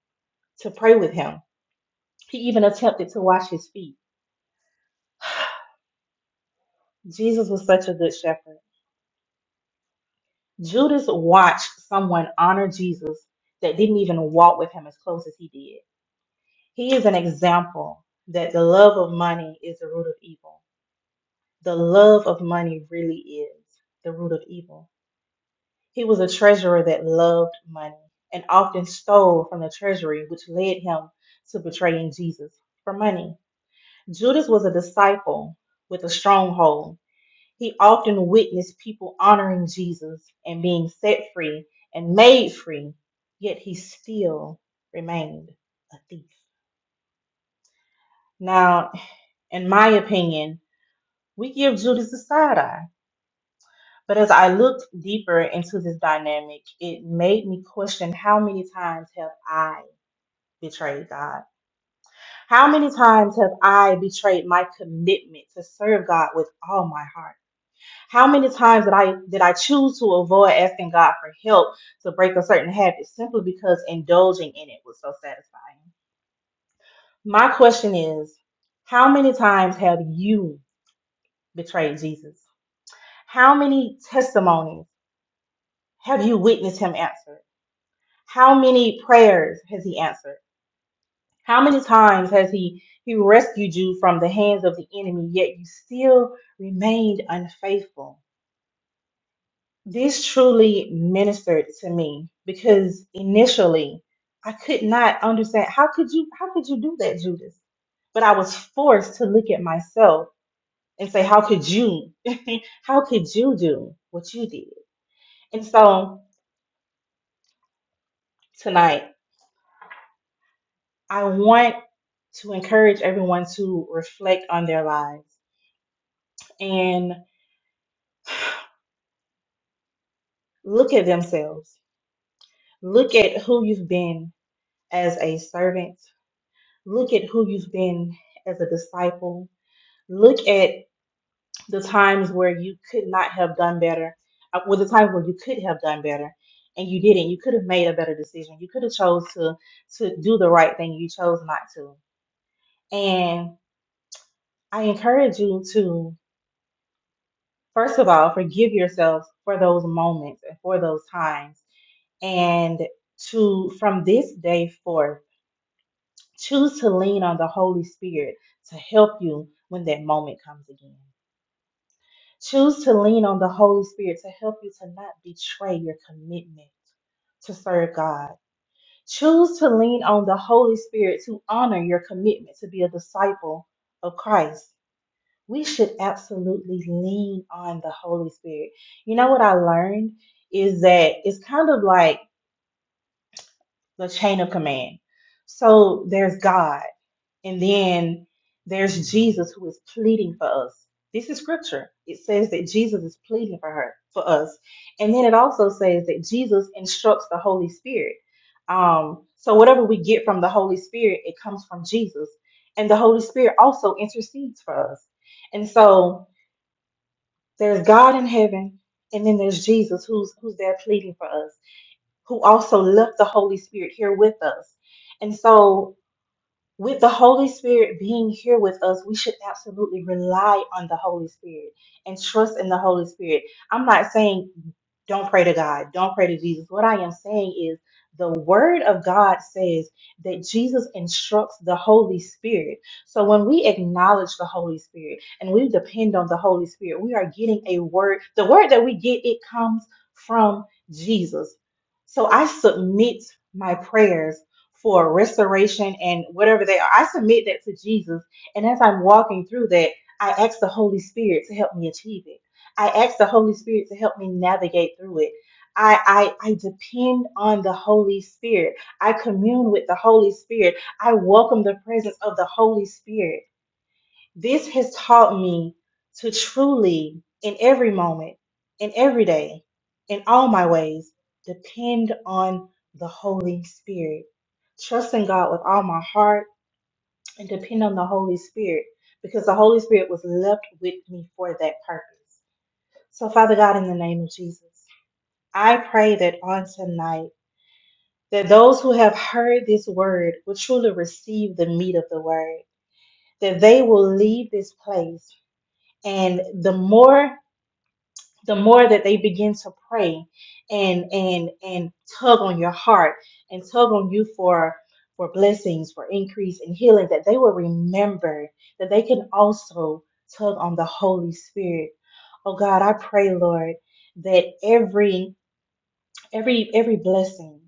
D: to pray with him. He even attempted to wash his feet. Jesus was such a good shepherd. Judas watched someone honor Jesus that didn't even walk with him as close as he did. He is an example that the love of money is the root of evil. The love of money really is the root of evil. He was a treasurer that loved money and often stole from the treasury, which led him to betraying Jesus for money. Judas was a disciple with a stronghold. He often witnessed people honoring Jesus and being set free and made free, yet he still remained a thief. Now, in my opinion, we give Judas a side eye. But as I looked deeper into this dynamic, it made me question how many times have I betrayed God. How many times have I betrayed my commitment to serve God with all my heart? How many times did I did I choose to avoid asking God for help to break a certain habit simply because indulging in it was so satisfying? My question is, how many times have you betrayed Jesus? How many testimonies have you witnessed him answer? How many prayers has he answered? How many times has he he rescued you from the hands of the enemy, yet you still remained unfaithful? This truly ministered to me because initially I could not understand how could you how could you do that, Judas? But I was forced to look at myself and say, How could you? how could you do what you did? And so tonight I want to encourage everyone to reflect on their lives and. look at themselves. Look at who you've been as a servant. Look at who you've been as a disciple. Look at the times where you could not have done better, uh, well, the times where you could have done better and you didn't. You could have made a better decision. You could have chose to to do the right thing. You chose not to. And I encourage you to first of all forgive yourselves for those moments and for those times and to from this day forth Choose to lean on the Holy Spirit to help you when that moment comes again. Choose to lean on the Holy Spirit to help you to not betray your commitment to serve God. Choose to lean on the Holy Spirit to honor your commitment to be a disciple of Christ. We should absolutely lean on the Holy Spirit. You know what I learned is that it's kind of like the chain of command. So there's God. And then there's Jesus who is pleading for us. This is scripture. It says that Jesus is pleading for her, for us. And then it also says that Jesus instructs the Holy Spirit. Um, so whatever we get from the Holy Spirit, it comes from Jesus. And the Holy Spirit also intercedes for us. And so there's God in heaven, and then there's Jesus who's who's there pleading for us, who also left the Holy Spirit here with us. And so with the Holy Spirit being here with us, we should absolutely rely on the Holy Spirit and trust in the Holy Spirit. I'm not saying don't pray to God, don't pray to Jesus. What I am saying is the Word of God says that Jesus instructs the Holy Spirit. So when we acknowledge the Holy Spirit and we depend on the Holy Spirit, we are getting a word. The word that we get, it comes from Jesus. So I submit my prayers for restoration and whatever they are. I submit that to Jesus. And as I'm walking through that, I ask the Holy Spirit to help me achieve it. I ask the Holy Spirit to help me navigate through it. I, I, I depend on the Holy Spirit. I commune with the Holy Spirit. I welcome the presence of the Holy Spirit. This has taught me to truly, in every moment, in every day, in all my ways, depend on the Holy Spirit. Trust in God with all my heart and depend on the Holy Spirit because the Holy Spirit was left with me for that purpose. So, Father God, in the name of Jesus, I pray that on tonight, that those who have heard this word will truly receive the meat of the word, that they will leave this place and the more the more that they begin to pray and and and tug on your heart and tug on you for for blessings for increase and healing that they will remember that they can also tug on the holy spirit oh god i pray lord that every every every blessing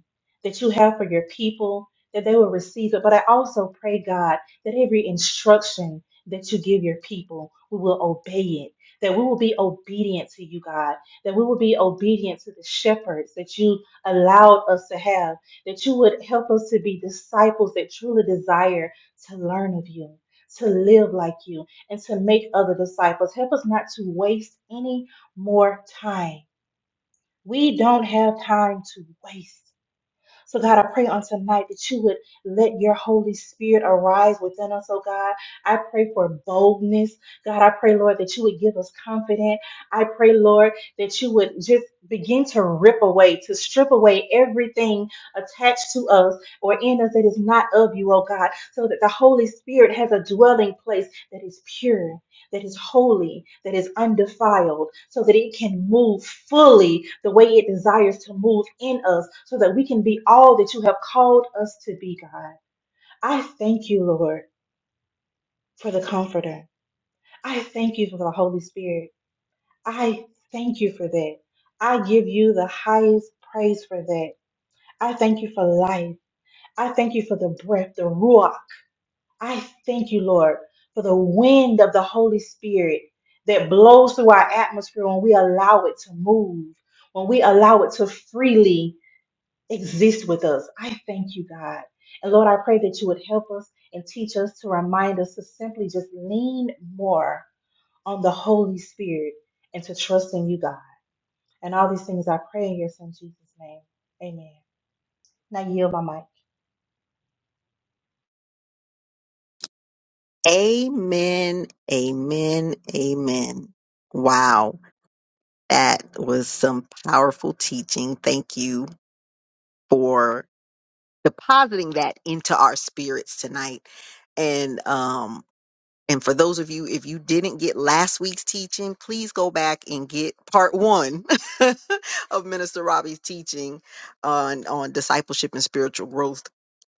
D: that you have for your people that they will receive it but i also pray god that every instruction that you give your people we will obey it that we will be obedient to you god that we will be obedient to the shepherds that you allowed us to have that you would help us to be disciples that truly desire to learn of you to live like you and to make other disciples help us not to waste any more time we don't have time to waste. So, God, I pray on tonight that you would let your Holy Spirit arise within us, oh God. I pray for boldness. God, I pray, Lord, that you would give us confidence. I pray, Lord, that you would just begin to rip away, to strip away everything attached to us or in us that is not of you, oh God, so that the Holy Spirit has a dwelling place that is pure that is holy, that is undefiled, so that it can move fully the way it desires to move in us, so that we can be all that you have called us to be, God. I thank you, Lord, for the Comforter. I thank you for the Holy Spirit. I thank you for that. I give you the highest praise for that. I thank you for life. I thank you for the breath, the ruach. I thank you, Lord, for the wind of the Holy Spirit that blows through our atmosphere when we allow it to move, when we allow it to freely exist with us. I thank you, God. And Lord, I pray that you would help us and teach us to remind us to simply just lean more on the Holy Spirit and to trust in you, God. And all these things I pray in your son Jesus' name. Amen. Now yield my mic.
A: Amen. Amen. Amen. Wow. That was some powerful teaching. Thank you for depositing that into our spirits tonight. And um And for those of you, if you didn't get last week's teaching, please go back and get part one of Minister Robbie's teaching on, on discipleship and spiritual growth,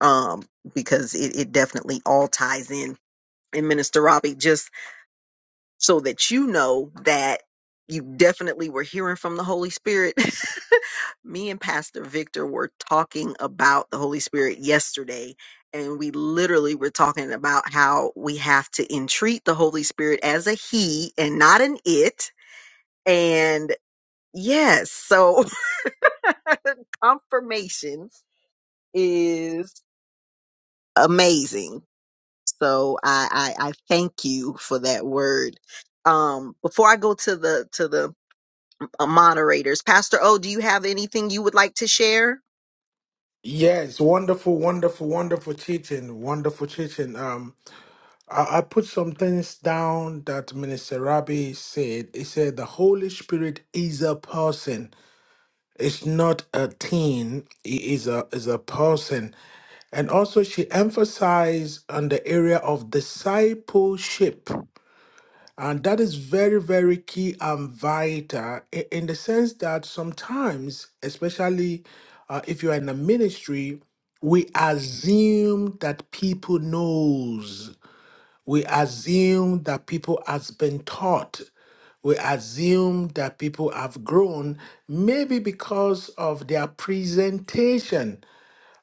A: um, because it, it definitely all ties in. And Minister Robbie just so that you know that you definitely were hearing from the Holy Spirit. Me and Pastor Victor were talking about the Holy Spirit yesterday, and we literally were talking about how we have to entreat the Holy Spirit as a He and not an it. And yes, so confirmation is amazing. So I, I, I thank you for that word. Um, before I go to the to the uh, moderators. Pastor O, do you have anything you would like to share?
B: Yes, wonderful, wonderful, wonderful teaching, wonderful teaching. Um, I, I put some things down that Minister Rabbi said. He said the Holy Spirit is a person. It's not a thing. It is a is a person. And also, she emphasized on the area of discipleship. And that is very, very key and vital i- in the sense that sometimes, especially uh, if you are in a ministry, we assume that people knows. We assume that people has been taught. We assume that people have grown, maybe because of their presentation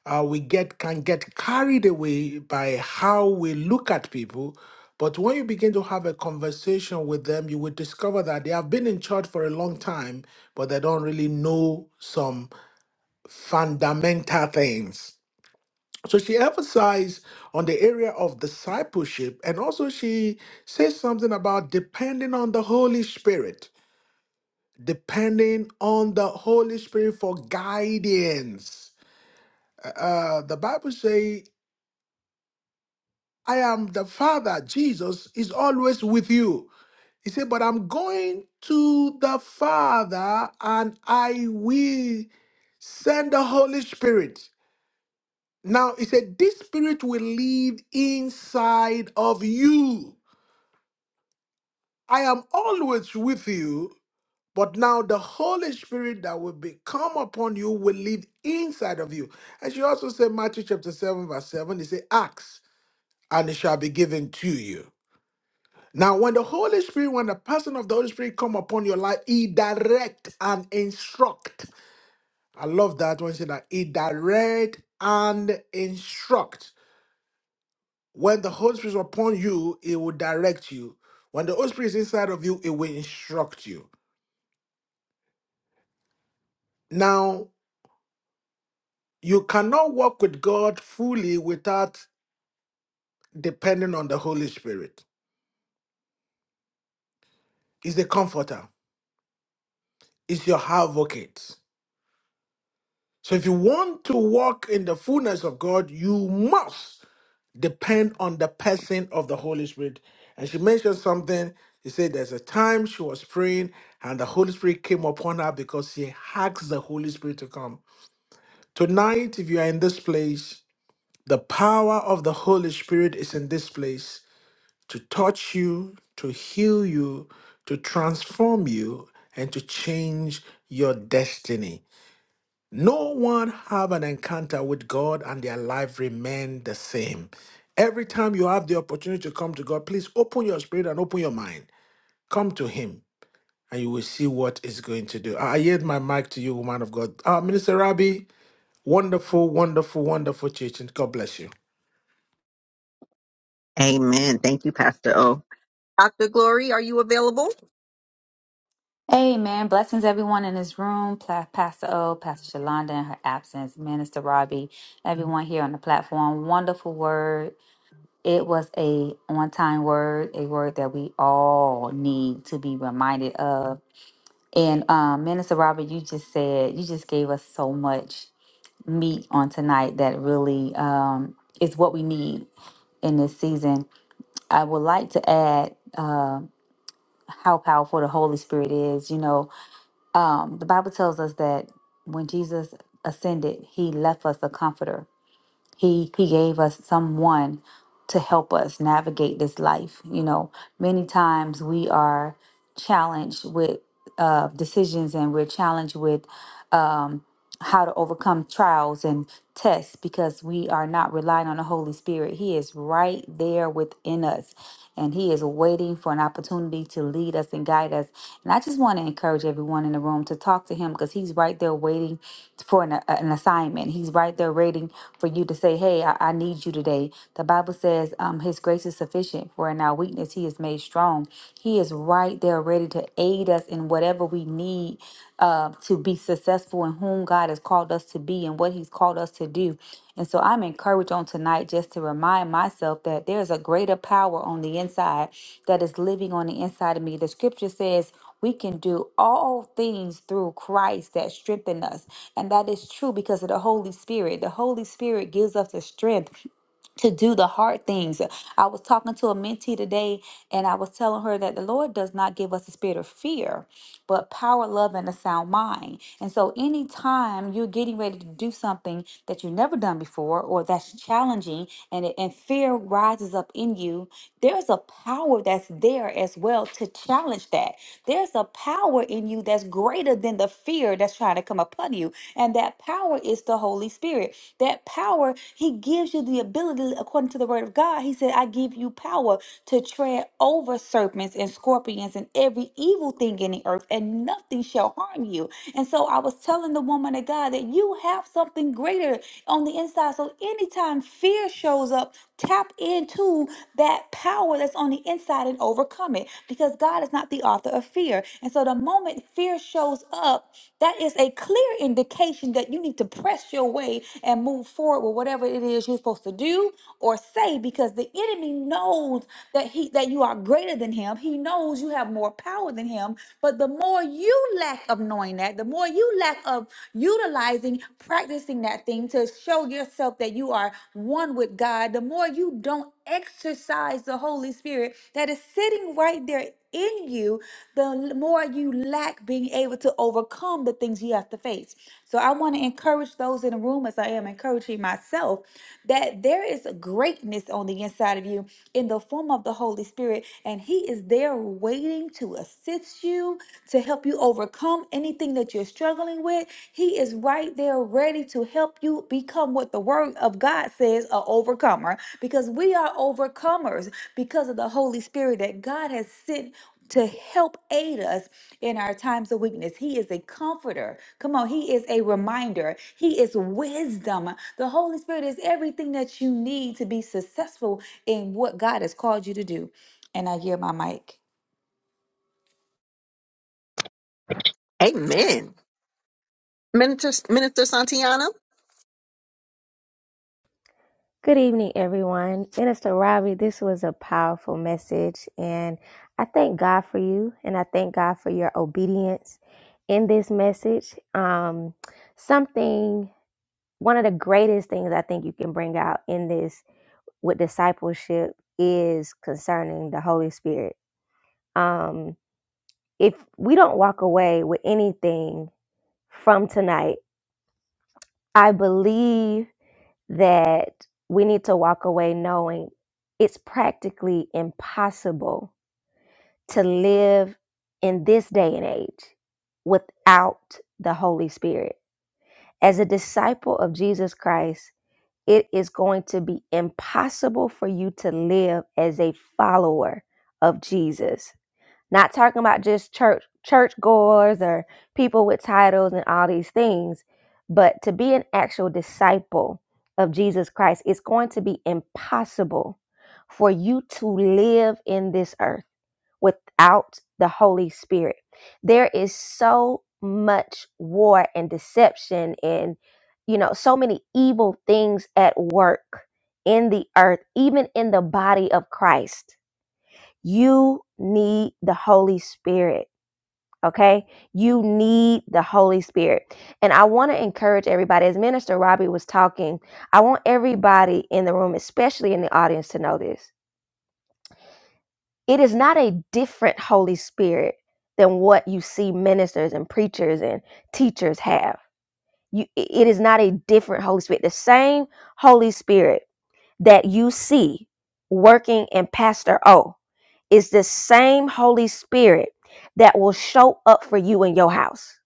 B: uh, we get can get carried away by how we look at people but when you begin to have a conversation with them you will discover that they have been in church for a long time but they don't really know some fundamental things so she emphasized on the area of discipleship and also she says something about depending on the holy spirit depending on the holy spirit for guidance uh, uh, the Bible says I am the Father. Jesus is always with you. He said, But I'm going to the Father and I will send the Holy Spirit. Now, he said, This Spirit will live inside of you. I am always with you, but now the Holy Spirit that will be come upon you will live inside of you. And she also said, Matthew chapter 7, verse 7, he said, Ask and it shall be given to you. Now, when the Holy Spirit, when the person of the Holy Spirit come upon your life, he direct and instruct. I love that when he said that he direct and instruct. When the Holy Spirit is upon you, it will direct you. When the Holy Spirit is inside of you, it will instruct you. Now, you cannot walk with God fully without depending on the Holy Spirit. He's the comforter, he's your advocate. So if you want to walk in the fullness of God, you must. depend on the person of the Holy Spirit. And she mentioned something. She said there's a time she was praying and the Holy Spirit came upon her because she asked the Holy Spirit to come. Tonight, if you are in this place, the power of the Holy Spirit is in this place to touch you, to heal you, to transform you, and to change your destiny. No one have an encounter with God and their life remain the same. Every time you have the opportunity to come to God, please open your spirit and open your mind. Come to Him, and you will see what He's going to do. I I yield my mic to you, woman of God. Uh, Minister Rabbi, wonderful, wonderful, wonderful teaching. God bless you.
A: Amen. Thank you, Pastor O. Dr. Glory, are you available?
E: Amen. Blessings, everyone in this room. Pla- Pastor O, Pastor Shalonda in her absence, Minister Robbie, everyone here on the platform. Wonderful word. It was a on time word, a word that we all need to be reminded of. And um, Minister Robbie, you just said, you just gave us so much meat on tonight that really um, is what we need in this season. I would like to add uh, how powerful the Holy Spirit is. You know, Um, the Bible tells us that when Jesus ascended, he left us a comforter. He he gave us someone to help us navigate this life. You know, many times we are challenged with uh, decisions and we're challenged with um, how to overcome trials and tests because we are not relying on the Holy Spirit. He is right there within us and He is waiting for an opportunity to lead us and guide us. And I just want to encourage everyone in the room to talk to Him because He's right there waiting for an, an assignment. He's right there waiting for you to say, Hey, I, I need you today. The Bible says um, His grace is sufficient for in our weakness, He is made strong. He is right there ready to aid us in whatever we need uh, to be successful in whom God has called us to be and what He's called us to do. And so I'm encouraged on tonight just to remind myself that there's a greater power on the inside that is living on the inside of me. The scripture says, we can do all things through Christ that strengthen us. And that is true because of the Holy Spirit. The Holy Spirit gives us the strength to do the hard things. I was talking to a mentee today and I was telling her that the Lord does not give us a spirit of fear, but power, love, and a sound mind. And so anytime you're getting ready to do something that you've never done before or that's challenging and, it- and fear rises up in you, there's a power that's there as well to challenge that. There's a power in you that's greater than the fear that's that's trying to come upon you. And that power is the Holy Spirit. That power, He gives you the ability, according to the Word of God. He said, I give you power to tread over serpents and scorpions and every evil thing in the earth, and nothing shall harm you. And so I was telling the woman of God that you have something greater on the inside. So anytime fear shows up, Tap into that power that's on the inside and overcome it because God is not the author of fear. And so the moment fear shows up, that is a clear indication that you need to press your way and move forward with whatever it is you're supposed to do or say because the enemy knows that he that you are greater than him. He knows you have more power than him, but the more you lack of knowing that, the more you lack of utilizing realizing, practicing that thing to show yourself that you are one with God, the more you don't exercise the Holy Spirit that is sitting right there in you, the more you lack being able to overcome the things you have to face. So I want to encourage those in the room, as I am encouraging myself, that there is a greatness on the inside of you in the form of the Holy Spirit, and He is there waiting to assist assist you, to help you overcome anything that you're struggling with. He is right there ready to help you become what the word of God says, a overcomer, because we are overcomers because of the Holy Spirit that God has sent to help aid us in our times of weakness. He is a comforter. Come on, He is a reminder. He is wisdom. The Holy Spirit is everything that you need to be successful in what God has called you to do. And I hear my mic.
A: Amen. Minister, Minister Santiana?
C: Good evening, everyone. Minister Robbie, this was a powerful message. And I thank God for you. And I thank God for your obedience in this message. Um, something, one of the greatest things I think you can bring out in this. with discipleship is concerning the Holy Spirit. Um, if we don't walk away with anything from tonight, I believe that we need to walk away knowing it's practically impossible to live in this day and age without the Holy Spirit. As a disciple of Jesus Christ, it is going to be impossible for you to live as a follower of Jesus Not talking about just church churchgoers or people with titles and all these things, but to be an actual disciple of Jesus Christ, it's going to be impossible for you to live in this earth without the Holy Spirit. There is so much war and deception and you know so many evil things at work in the earth, even in the body of Christ you need the Holy Spirit. Okay. You need the Holy Spirit. And I want to encourage everybody, as Minister Robbie was talking, I want everybody in the room, especially in the audience, to know this. It is not a different Holy Spirit than what you see ministers and preachers and teachers have. You, it is not a different Holy Spirit. The same Holy Spirit that you see working in Pastor O is the same Holy Spirit that will show up for you in your house.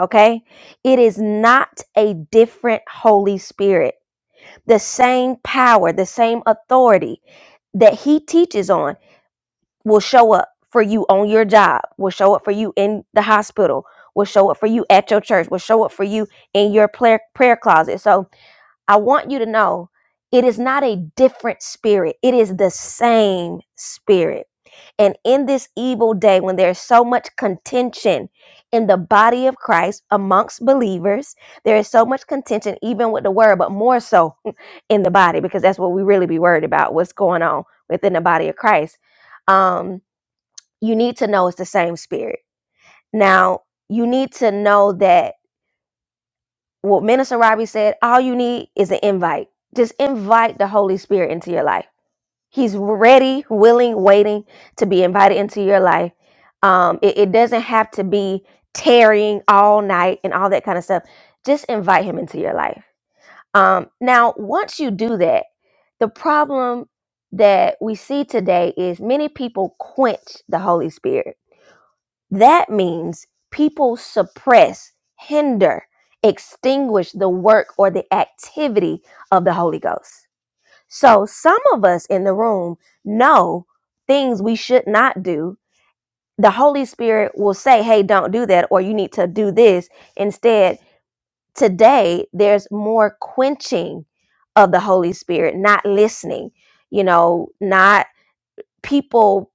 C: Okay? It is not a different Holy Spirit. The same power, the same authority that He teaches on will show up for you on your job, will show up for you in the hospital, will show up for you at your church, will show up for you in your prayer, prayer closet. So, I want you to know it is not a different spirit, it is the same spirit. And in this evil day, when there's so much contention in the body of Christ amongst believers, there is so much contention, even with the word, but more so in the body, because that's what we really be worried about what's going on within the body of Christ. Um, you need to know it's the same spirit. Now, you need to know that well, Minister Robbie said, all you need is an invite. Just invite the Holy Spirit into your life. He's ready, willing, waiting to be invited into your life. Um, it, it doesn't have to be tarrying all night and all that kind of stuff. Just invite him into your life. Um, now, once you do that, the problem that we see today is many people quench the Holy Spirit that means people suppress, hinder, extinguish the work or the activity of the Holy Ghost. So some of us in the room know things we should not do. The Holy Spirit will say, hey, don't do that, or you need to do this. Instead, today there's more quenching of the Holy Spirit, not listening, you know, not people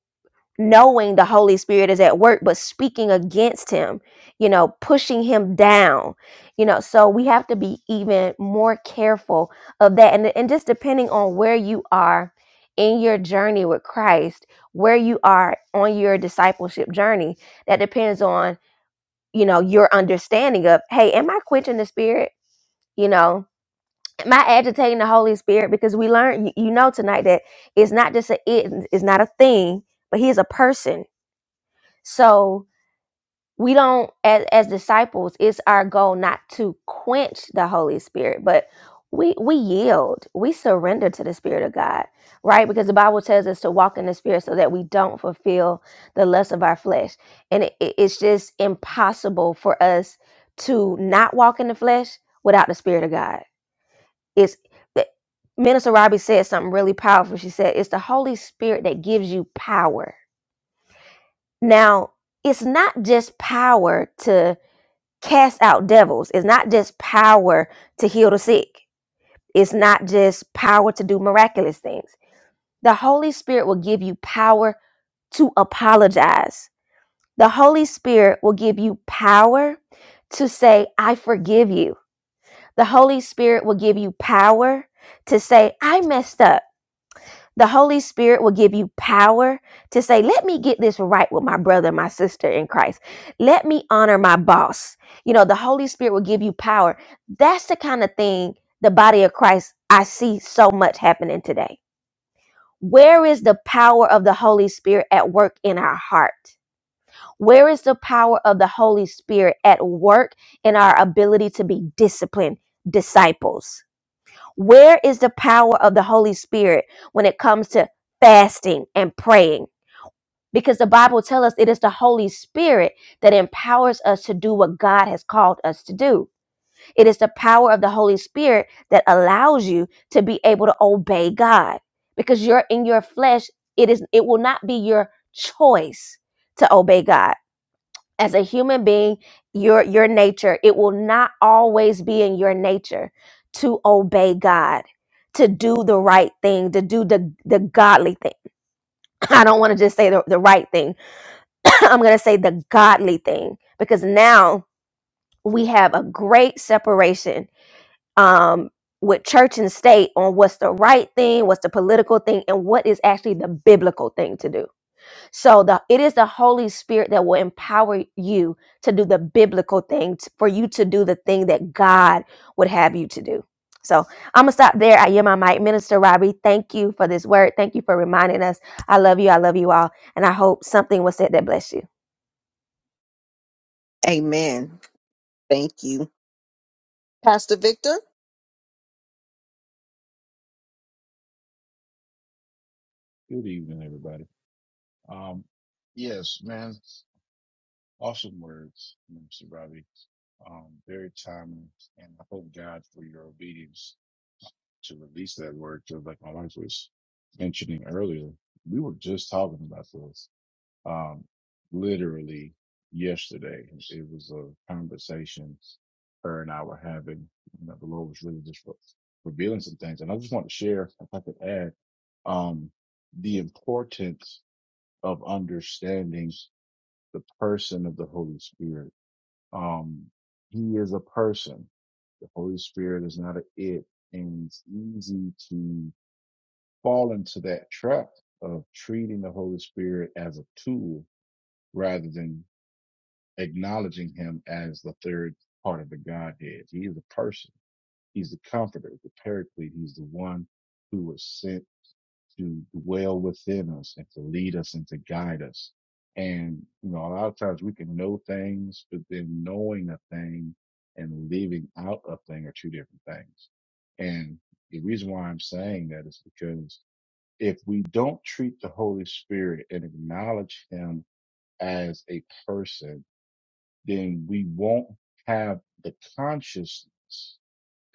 C: knowing the Holy Spirit is at work, but speaking against him, you know, pushing him down, you know. So we have to be even more careful of that. And, and just depending on where you are in your journey with Christ, where you are on your discipleship journey, that depends on, you know, your understanding of, hey, am I quenching the spirit? You know, am I agitating the Holy Spirit? Because we learned, you, you know, tonight that it's not just a it, it's not a thing, but he is a person so we don't, as, as disciples, it's our goal not to quench the Holy Spirit, but we we yield, we surrender to the Spirit of God, right? Because the Bible tells us to walk in the Spirit so that we don't fulfill the lust of our flesh, and it, it- it's just impossible for us to not walk in the flesh without the Spirit of God. It's the- Minister Robbie said something really powerful. She said, "It's the Holy Spirit that gives you power." Now, it's not just power to cast out devils, it's not just power to heal the sick, it's not just power to do miraculous things. The Holy Spirit will give you power to apologize, the Holy Spirit will give you power to say, I forgive you. The Holy Spirit will give you power to say, I messed up. The Holy Spirit will give you power to say, let me get this right with my brother and my sister in Christ. Let me honor my boss. You know, the Holy Spirit will give you power. That's the kind of thing the body of Christ I see so much happening today. Where is the power of the Holy Spirit at work in our heart? Where is the power of the Holy Spirit at work in our ability to be disciplined disciples? Where is the power of the Holy Spirit when it comes to fasting and praying? Because the Bible tells us it is the Holy Spirit that empowers us to do what God has called us to do. It is the power of the Holy Spirit that allows you to be able to obey God. Because you're in your flesh, it is it will not be your choice to obey God as a human being your your nature it will not always be in your nature to obey god to do the right thing to do the the godly thing i don't want to just say the, the right thing i'm going to say the godly thing because now we have a great separation um with church and state on what's the right thing what's the political thing and what is actually the biblical thing to do so the it is the Holy Spirit that will empower you to do the biblical things for you to do the thing that God would have you to do. So I'm gonna stop there. I am my mic. Minister Robbie, thank you for this word. Thank you for reminding us. I love you. I love you all. And I hope something was said that blessed you.
A: Amen. Thank you. Pastor Victor?
F: Good evening, everybody. Um, yes, man, awesome words, Mr. Robbie. Um, very timely, and I hope God for your obedience to release that word. Because, like my wife was mentioning earlier, we were just talking about this. Um, literally yesterday, it was a conversation her and I were having. You know, the Lord was really just revealing some things, and I just want to share, if I could add, um, the importance of understanding the person of the Holy Spirit. Um, he is a person. The Holy Spirit is not an it, and it's easy to fall into that trap of treating the Holy Spirit as a tool rather than acknowledging him as the third part of the Godhead. He is a person. He's the comforter, the paraclete. He's the one who was sent to dwell within us and to lead us and to guide us. And, you know, a lot of times we can know things, but then knowing a thing and living out a thing are two different things. And the reason why I'm saying that is because if we don't treat the Holy Spirit and acknowledge him as a person, then we won't have the consciousness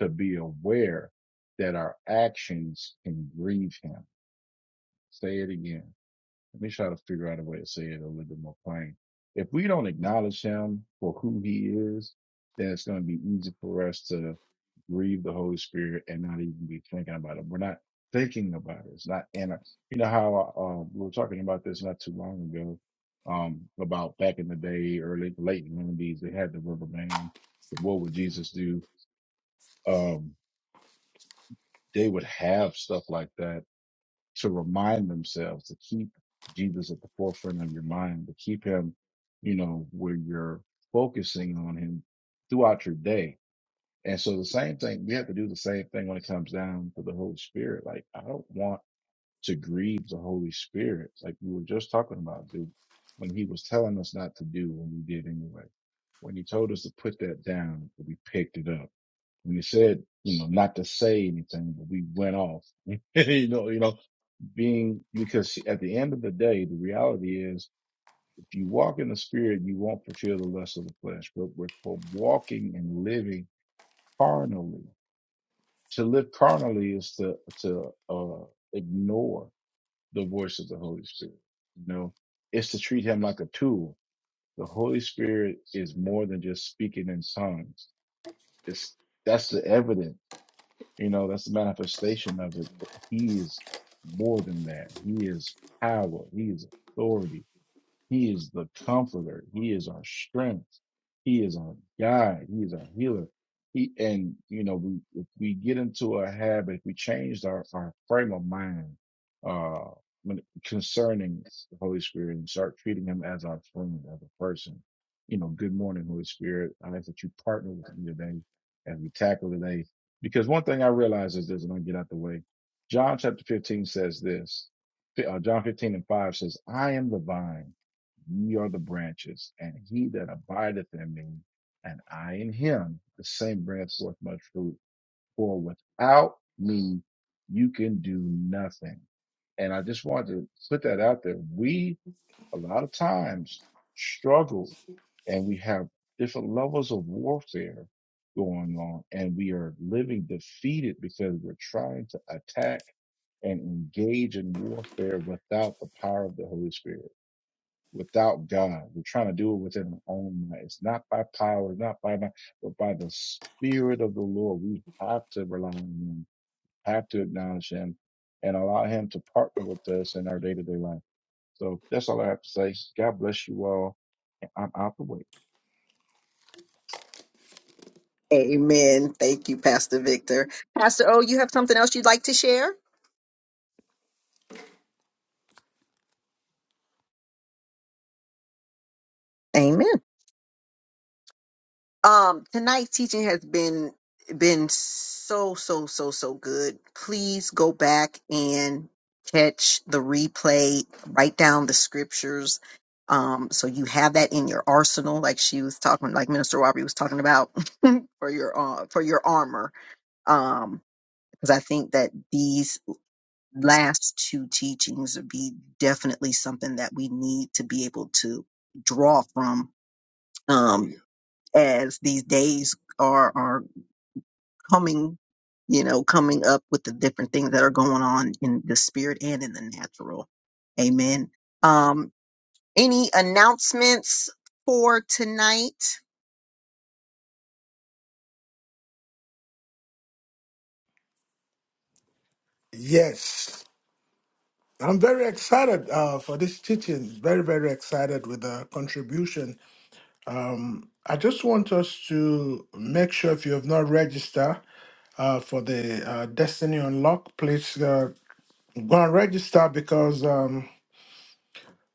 F: to be aware that our actions can grieve him. Say it again let me try to figure out a way to say it a little bit more plain. If we don't acknowledge him for who he is, then it's going to be easy for us to grieve the Holy Spirit and not even be thinking about it. We're not thinking about it. It's not in us. You know how uh, we were talking about this not too long ago um, about back in the day, early, late in the 90s, they had the rubber band. What would Jesus do? Um, they would have stuff like that to remind themselves to keep Jesus at the forefront of your mind, to keep him, you know, where you're focusing on him throughout your day. And so the same thing, we have to do the same thing when it comes down to the Holy Spirit. Like, I don't want to grieve the Holy Spirit. Like we were just talking about, dude, when he was telling us not to do when we did anyway, when he told us to put that down, we picked it up. When he said, you know, not to say anything, but we went off. you know, you know, being because at the end of the day, the reality is if you walk in the spirit, you won't fulfill the lust of the flesh. But with for walking and living carnally, to live carnally is to to uh, ignore the voice of the Holy Spirit. You know, it's to treat Him like a tool. The Holy Spirit is more than just speaking in tongues. It's that's the evidence. You know, that's the manifestation of it. But he is more than that. He is power. He is authority He is the comforter. He is our strength. He is our guide. He is our healer. He, and you know, we, if we get into a habit, if we change our, our frame of mind, uh, when, concerning the Holy Spirit and start treating him as our friend, as a person, you know, good morning, Holy Spirit. I ask that you partner with me today as we tackle today. Because one thing I realize is this, and I get out the way. John chapter 15 says this, uh, John 15 and 5 says, I am the vine Ye are the branches, and he that abideth in me, and I in him, the same bringeth forth much fruit. For without me, you can do nothing. And I just wanted to put that out there. We, a lot of times, struggle and we have different levels of warfare going on, and we are living defeated because we're trying to attack and engage in warfare without the power of the Holy Spirit without God. We're trying to do it within our own might. It's not by power, not by might, but by the Spirit of the Lord. We have to rely on Him, have to acknowledge Him, and allow Him to partner with us in our day to day life. So that's all I have to say. God bless you all. and I'm out the way.
A: Amen. Thank you, Pastor Victor. Pastor O, you have something else you'd like to share? Amen. Um, tonight's teaching has been been so so so so good. Please go back and catch the replay. Write down the scriptures, um, so you have that in your arsenal. Like she was talking, like Minister Robbie was talking about for your uh, for your armor. Um, because I think that these last two teachings would be definitely something that we need to be able to draw from um, as these days are are coming you know coming up with the different things that are going on in the spirit and in the natural amen um any announcements for tonight
B: Yes, I'm very excited uh, for this teaching. Very, very excited with the contribution. I just want us to make sure if you have not registered, uh, for the uh, Destiny Unlock. Please uh, go and register because um,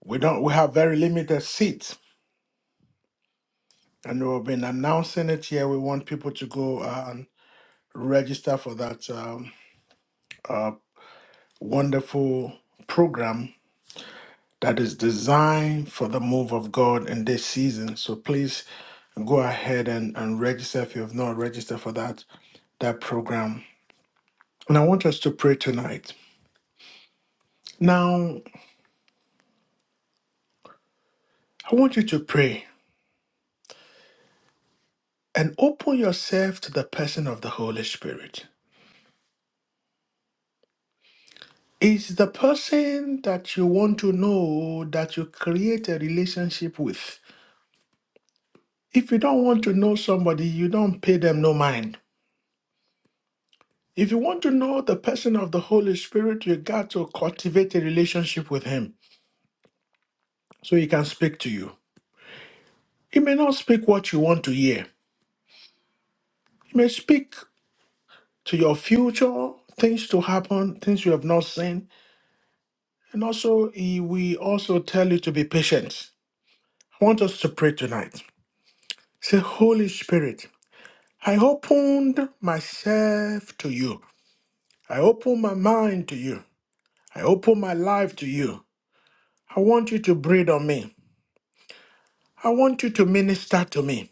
B: we don't we have very limited seats, and we've been announcing it here. We want people to go and register for that um, uh, wonderful program that is designed for the move of God in this season. So please go ahead and, and register if you have not registered for that that program. And I want us to pray tonight. Now, I want you to pray and open yourself to the person of the Holy Spirit. It's the person that you want to know that you create a relationship with. If you don't want to know somebody, you don't pay them no mind. If you want to know the person of the Holy Spirit, you got to cultivate a relationship with Him so He can speak to you. He may not speak what you want to hear, He may speak to your future, things to happen, things you have not seen. And also, He will also tell you to be patient. I want us to pray tonight. Say, Holy Spirit, I opened myself to you. I open my mind to you. I open my life to you. I want you to breathe on me. I want you to minister to me.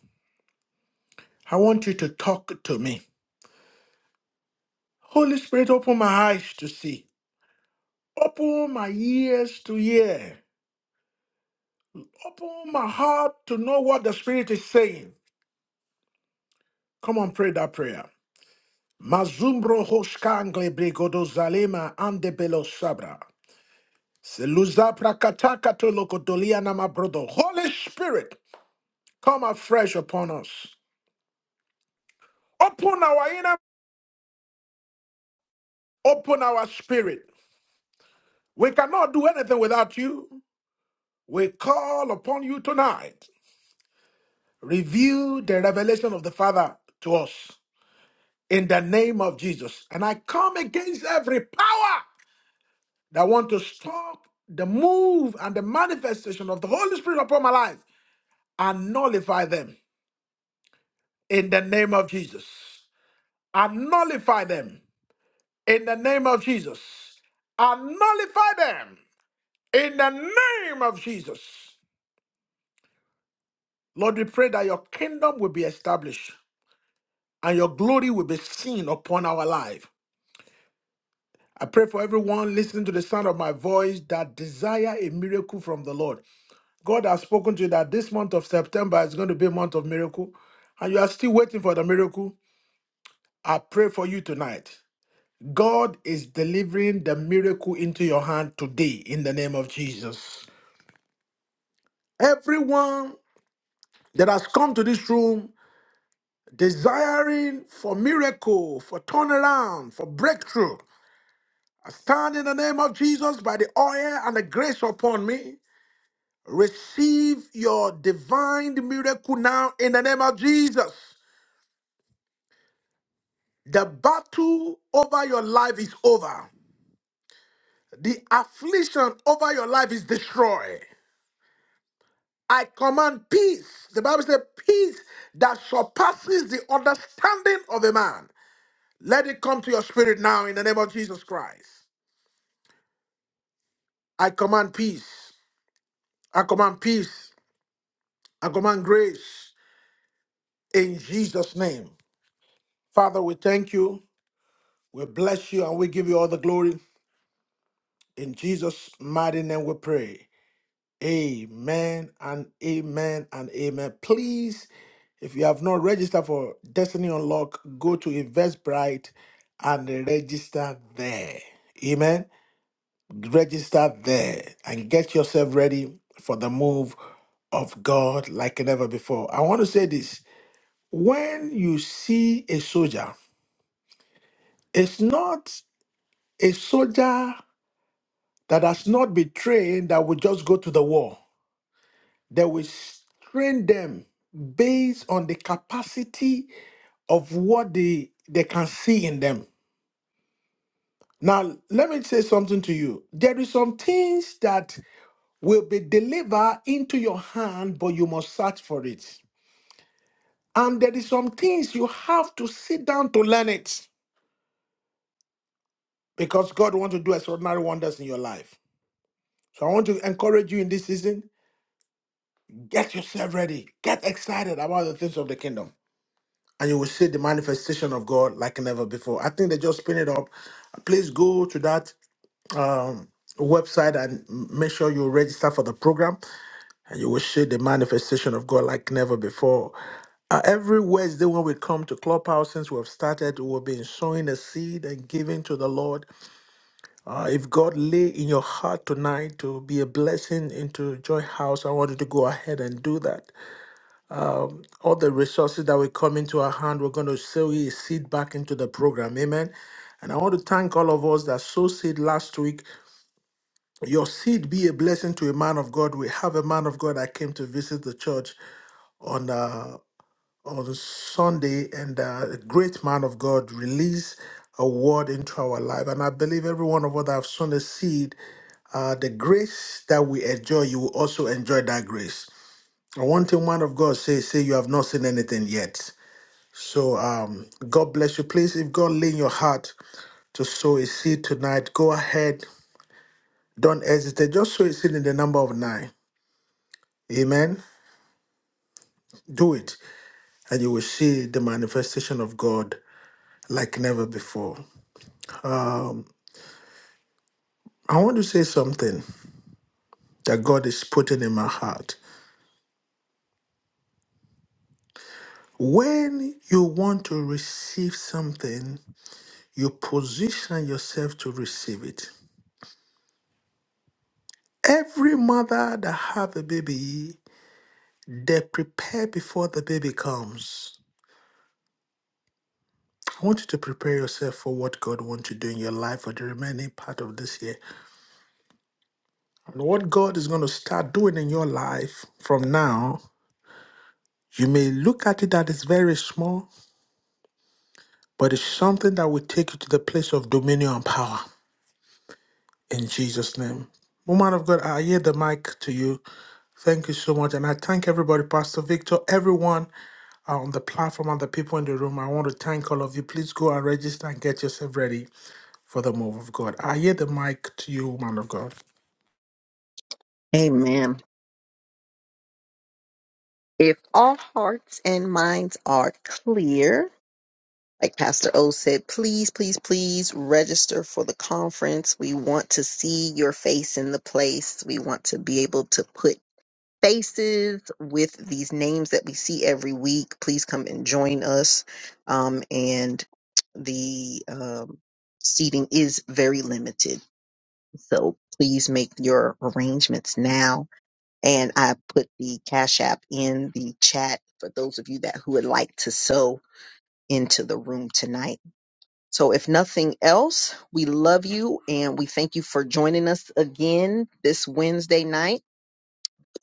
B: I want you to talk to me. Holy Spirit, open my eyes to see. Open my ears to hear. Open my heart to know what the Spirit is saying. Come on, pray that prayer. Mazumbro hoshkangle brigodo zalema ande belo sabra. Seluza prakataka to lokotolia na mabrodo. Holy Spirit, come afresh upon us. Open our inner, open our spirit. We cannot do anything without you. We call upon you tonight. Reveal the revelation of the Father to us in the name of Jesus. And I come against every power that want to stop the move and the manifestation of the Holy Spirit upon my life and nullify them in the name of Jesus. I nullify them in the name of Jesus. I nullify them in the name of Jesus. Lord, we pray that your kingdom will be established and your glory will be seen upon our life. I pray for everyone listening to the sound of my voice that desire a miracle from the Lord. God has spoken to you that this month of September is going to be a month of miracle, and you are still waiting for the miracle. I pray for you tonight God is delivering the miracle into your hand today in the name of Jesus. Everyone that has come to this room desiring for miracle, for turnaround, for breakthrough, I stand in the name of Jesus by the oil and the grace upon me. Receive your divine miracle now in the name of Jesus. The battle over your life is over. The affliction over your life is destroyed. I command peace. The Bible says, peace that surpasses the understanding of a man. Let it come to your spirit now in the name of Jesus Christ. I command peace. I command peace. I command grace in Jesus' name. Father, we thank you. We bless you and we give you all the glory. In Jesus' mighty name we pray. Amen and amen and amen. Please, if you have not registered for Destiny Unlock, go to Eventbrite and register there. Amen. Register there and get yourself ready for the move of God like never before. I want to say this when you see a soldier, it's not a soldier that has not been trained that will just go to the war. They will train them based on the capacity of what they, they can see in them. Now, let me say something to you. There is some things that will be delivered into your hand, but you must search for it. And there is some things you have to sit down to learn it because God wants to do extraordinary wonders in your life. So I want to encourage you in this season, get yourself ready. Get excited about the things of the kingdom. and you will see the manifestation of God like never before. I think they just spin it up. Please go to that um, website and make sure you register for the program, and you will see the manifestation of God like never before. Uh, every Wednesday when we come to Clubhouse, since we have started, we've been sowing a seed and giving to the Lord. Uh, if God lay in your heart tonight to be a blessing into Joy House, I want you to go ahead and do that. all the resources that will come into our hand, we're going to sow a seed back into the program. Amen. And I want to thank all of us that sowed seed last week. Your seed be a blessing to a man of God. We have a man of God that came to visit the church on uh, on Sunday, and uh, a great man of God released a word into our life. And I believe every one of us that have sown a seed, uh, the grace that we enjoy, you will also enjoy that grace. And one thing, man of God, say, say you have not seen anything yet. So um, God bless you. Please, if God lay in your heart to sow a seed tonight, go ahead. Don't hesitate. Just sow a seed in the number of nine. Amen. Do it, and you will see the manifestation of God like never before. I want to say something that God is putting in my heart. When you want to receive something, you position yourself to receive it. Every mother that have a baby, they prepare before the baby comes. I want you to prepare yourself for what God wants you to do in your life for the remaining part of this year. And what God is going to start doing in your life from now, you may look at it that it's very small, but it's something that will take you to the place of dominion and power. In Jesus' name. Woman of God, I yield the mic to you. Thank you so much. And I thank everybody, Pastor Victor, everyone on the platform and the people in the room. I want to thank all of you. Please go and register and get yourself ready for the move of God. I yield the mic to you, woman of God.
A: amen if all hearts and minds are clear Like Pastor O said, please, please, please register for the conference. We want to see your face in the place. We want to be able to put faces with these names that we see every week. Please come and join us. Um, and the um, seating is very limited. So please make your arrangements now. And I put the Cash App in the chat for those of you that who would like to sow into the room tonight. So, if nothing else, we love you and we thank you for joining us again this Wednesday night.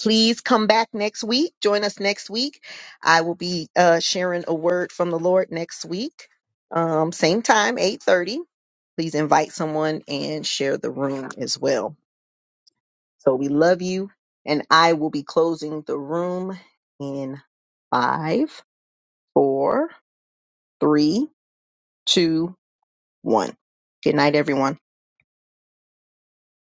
A: Please come back next week. Join us next week. I will be uh, sharing a word from the Lord next week, um, same time, eight thirty. Please invite someone and share the room as well. So, we love you, and I will be closing the room in five, four, three, two, one. Good night, everyone.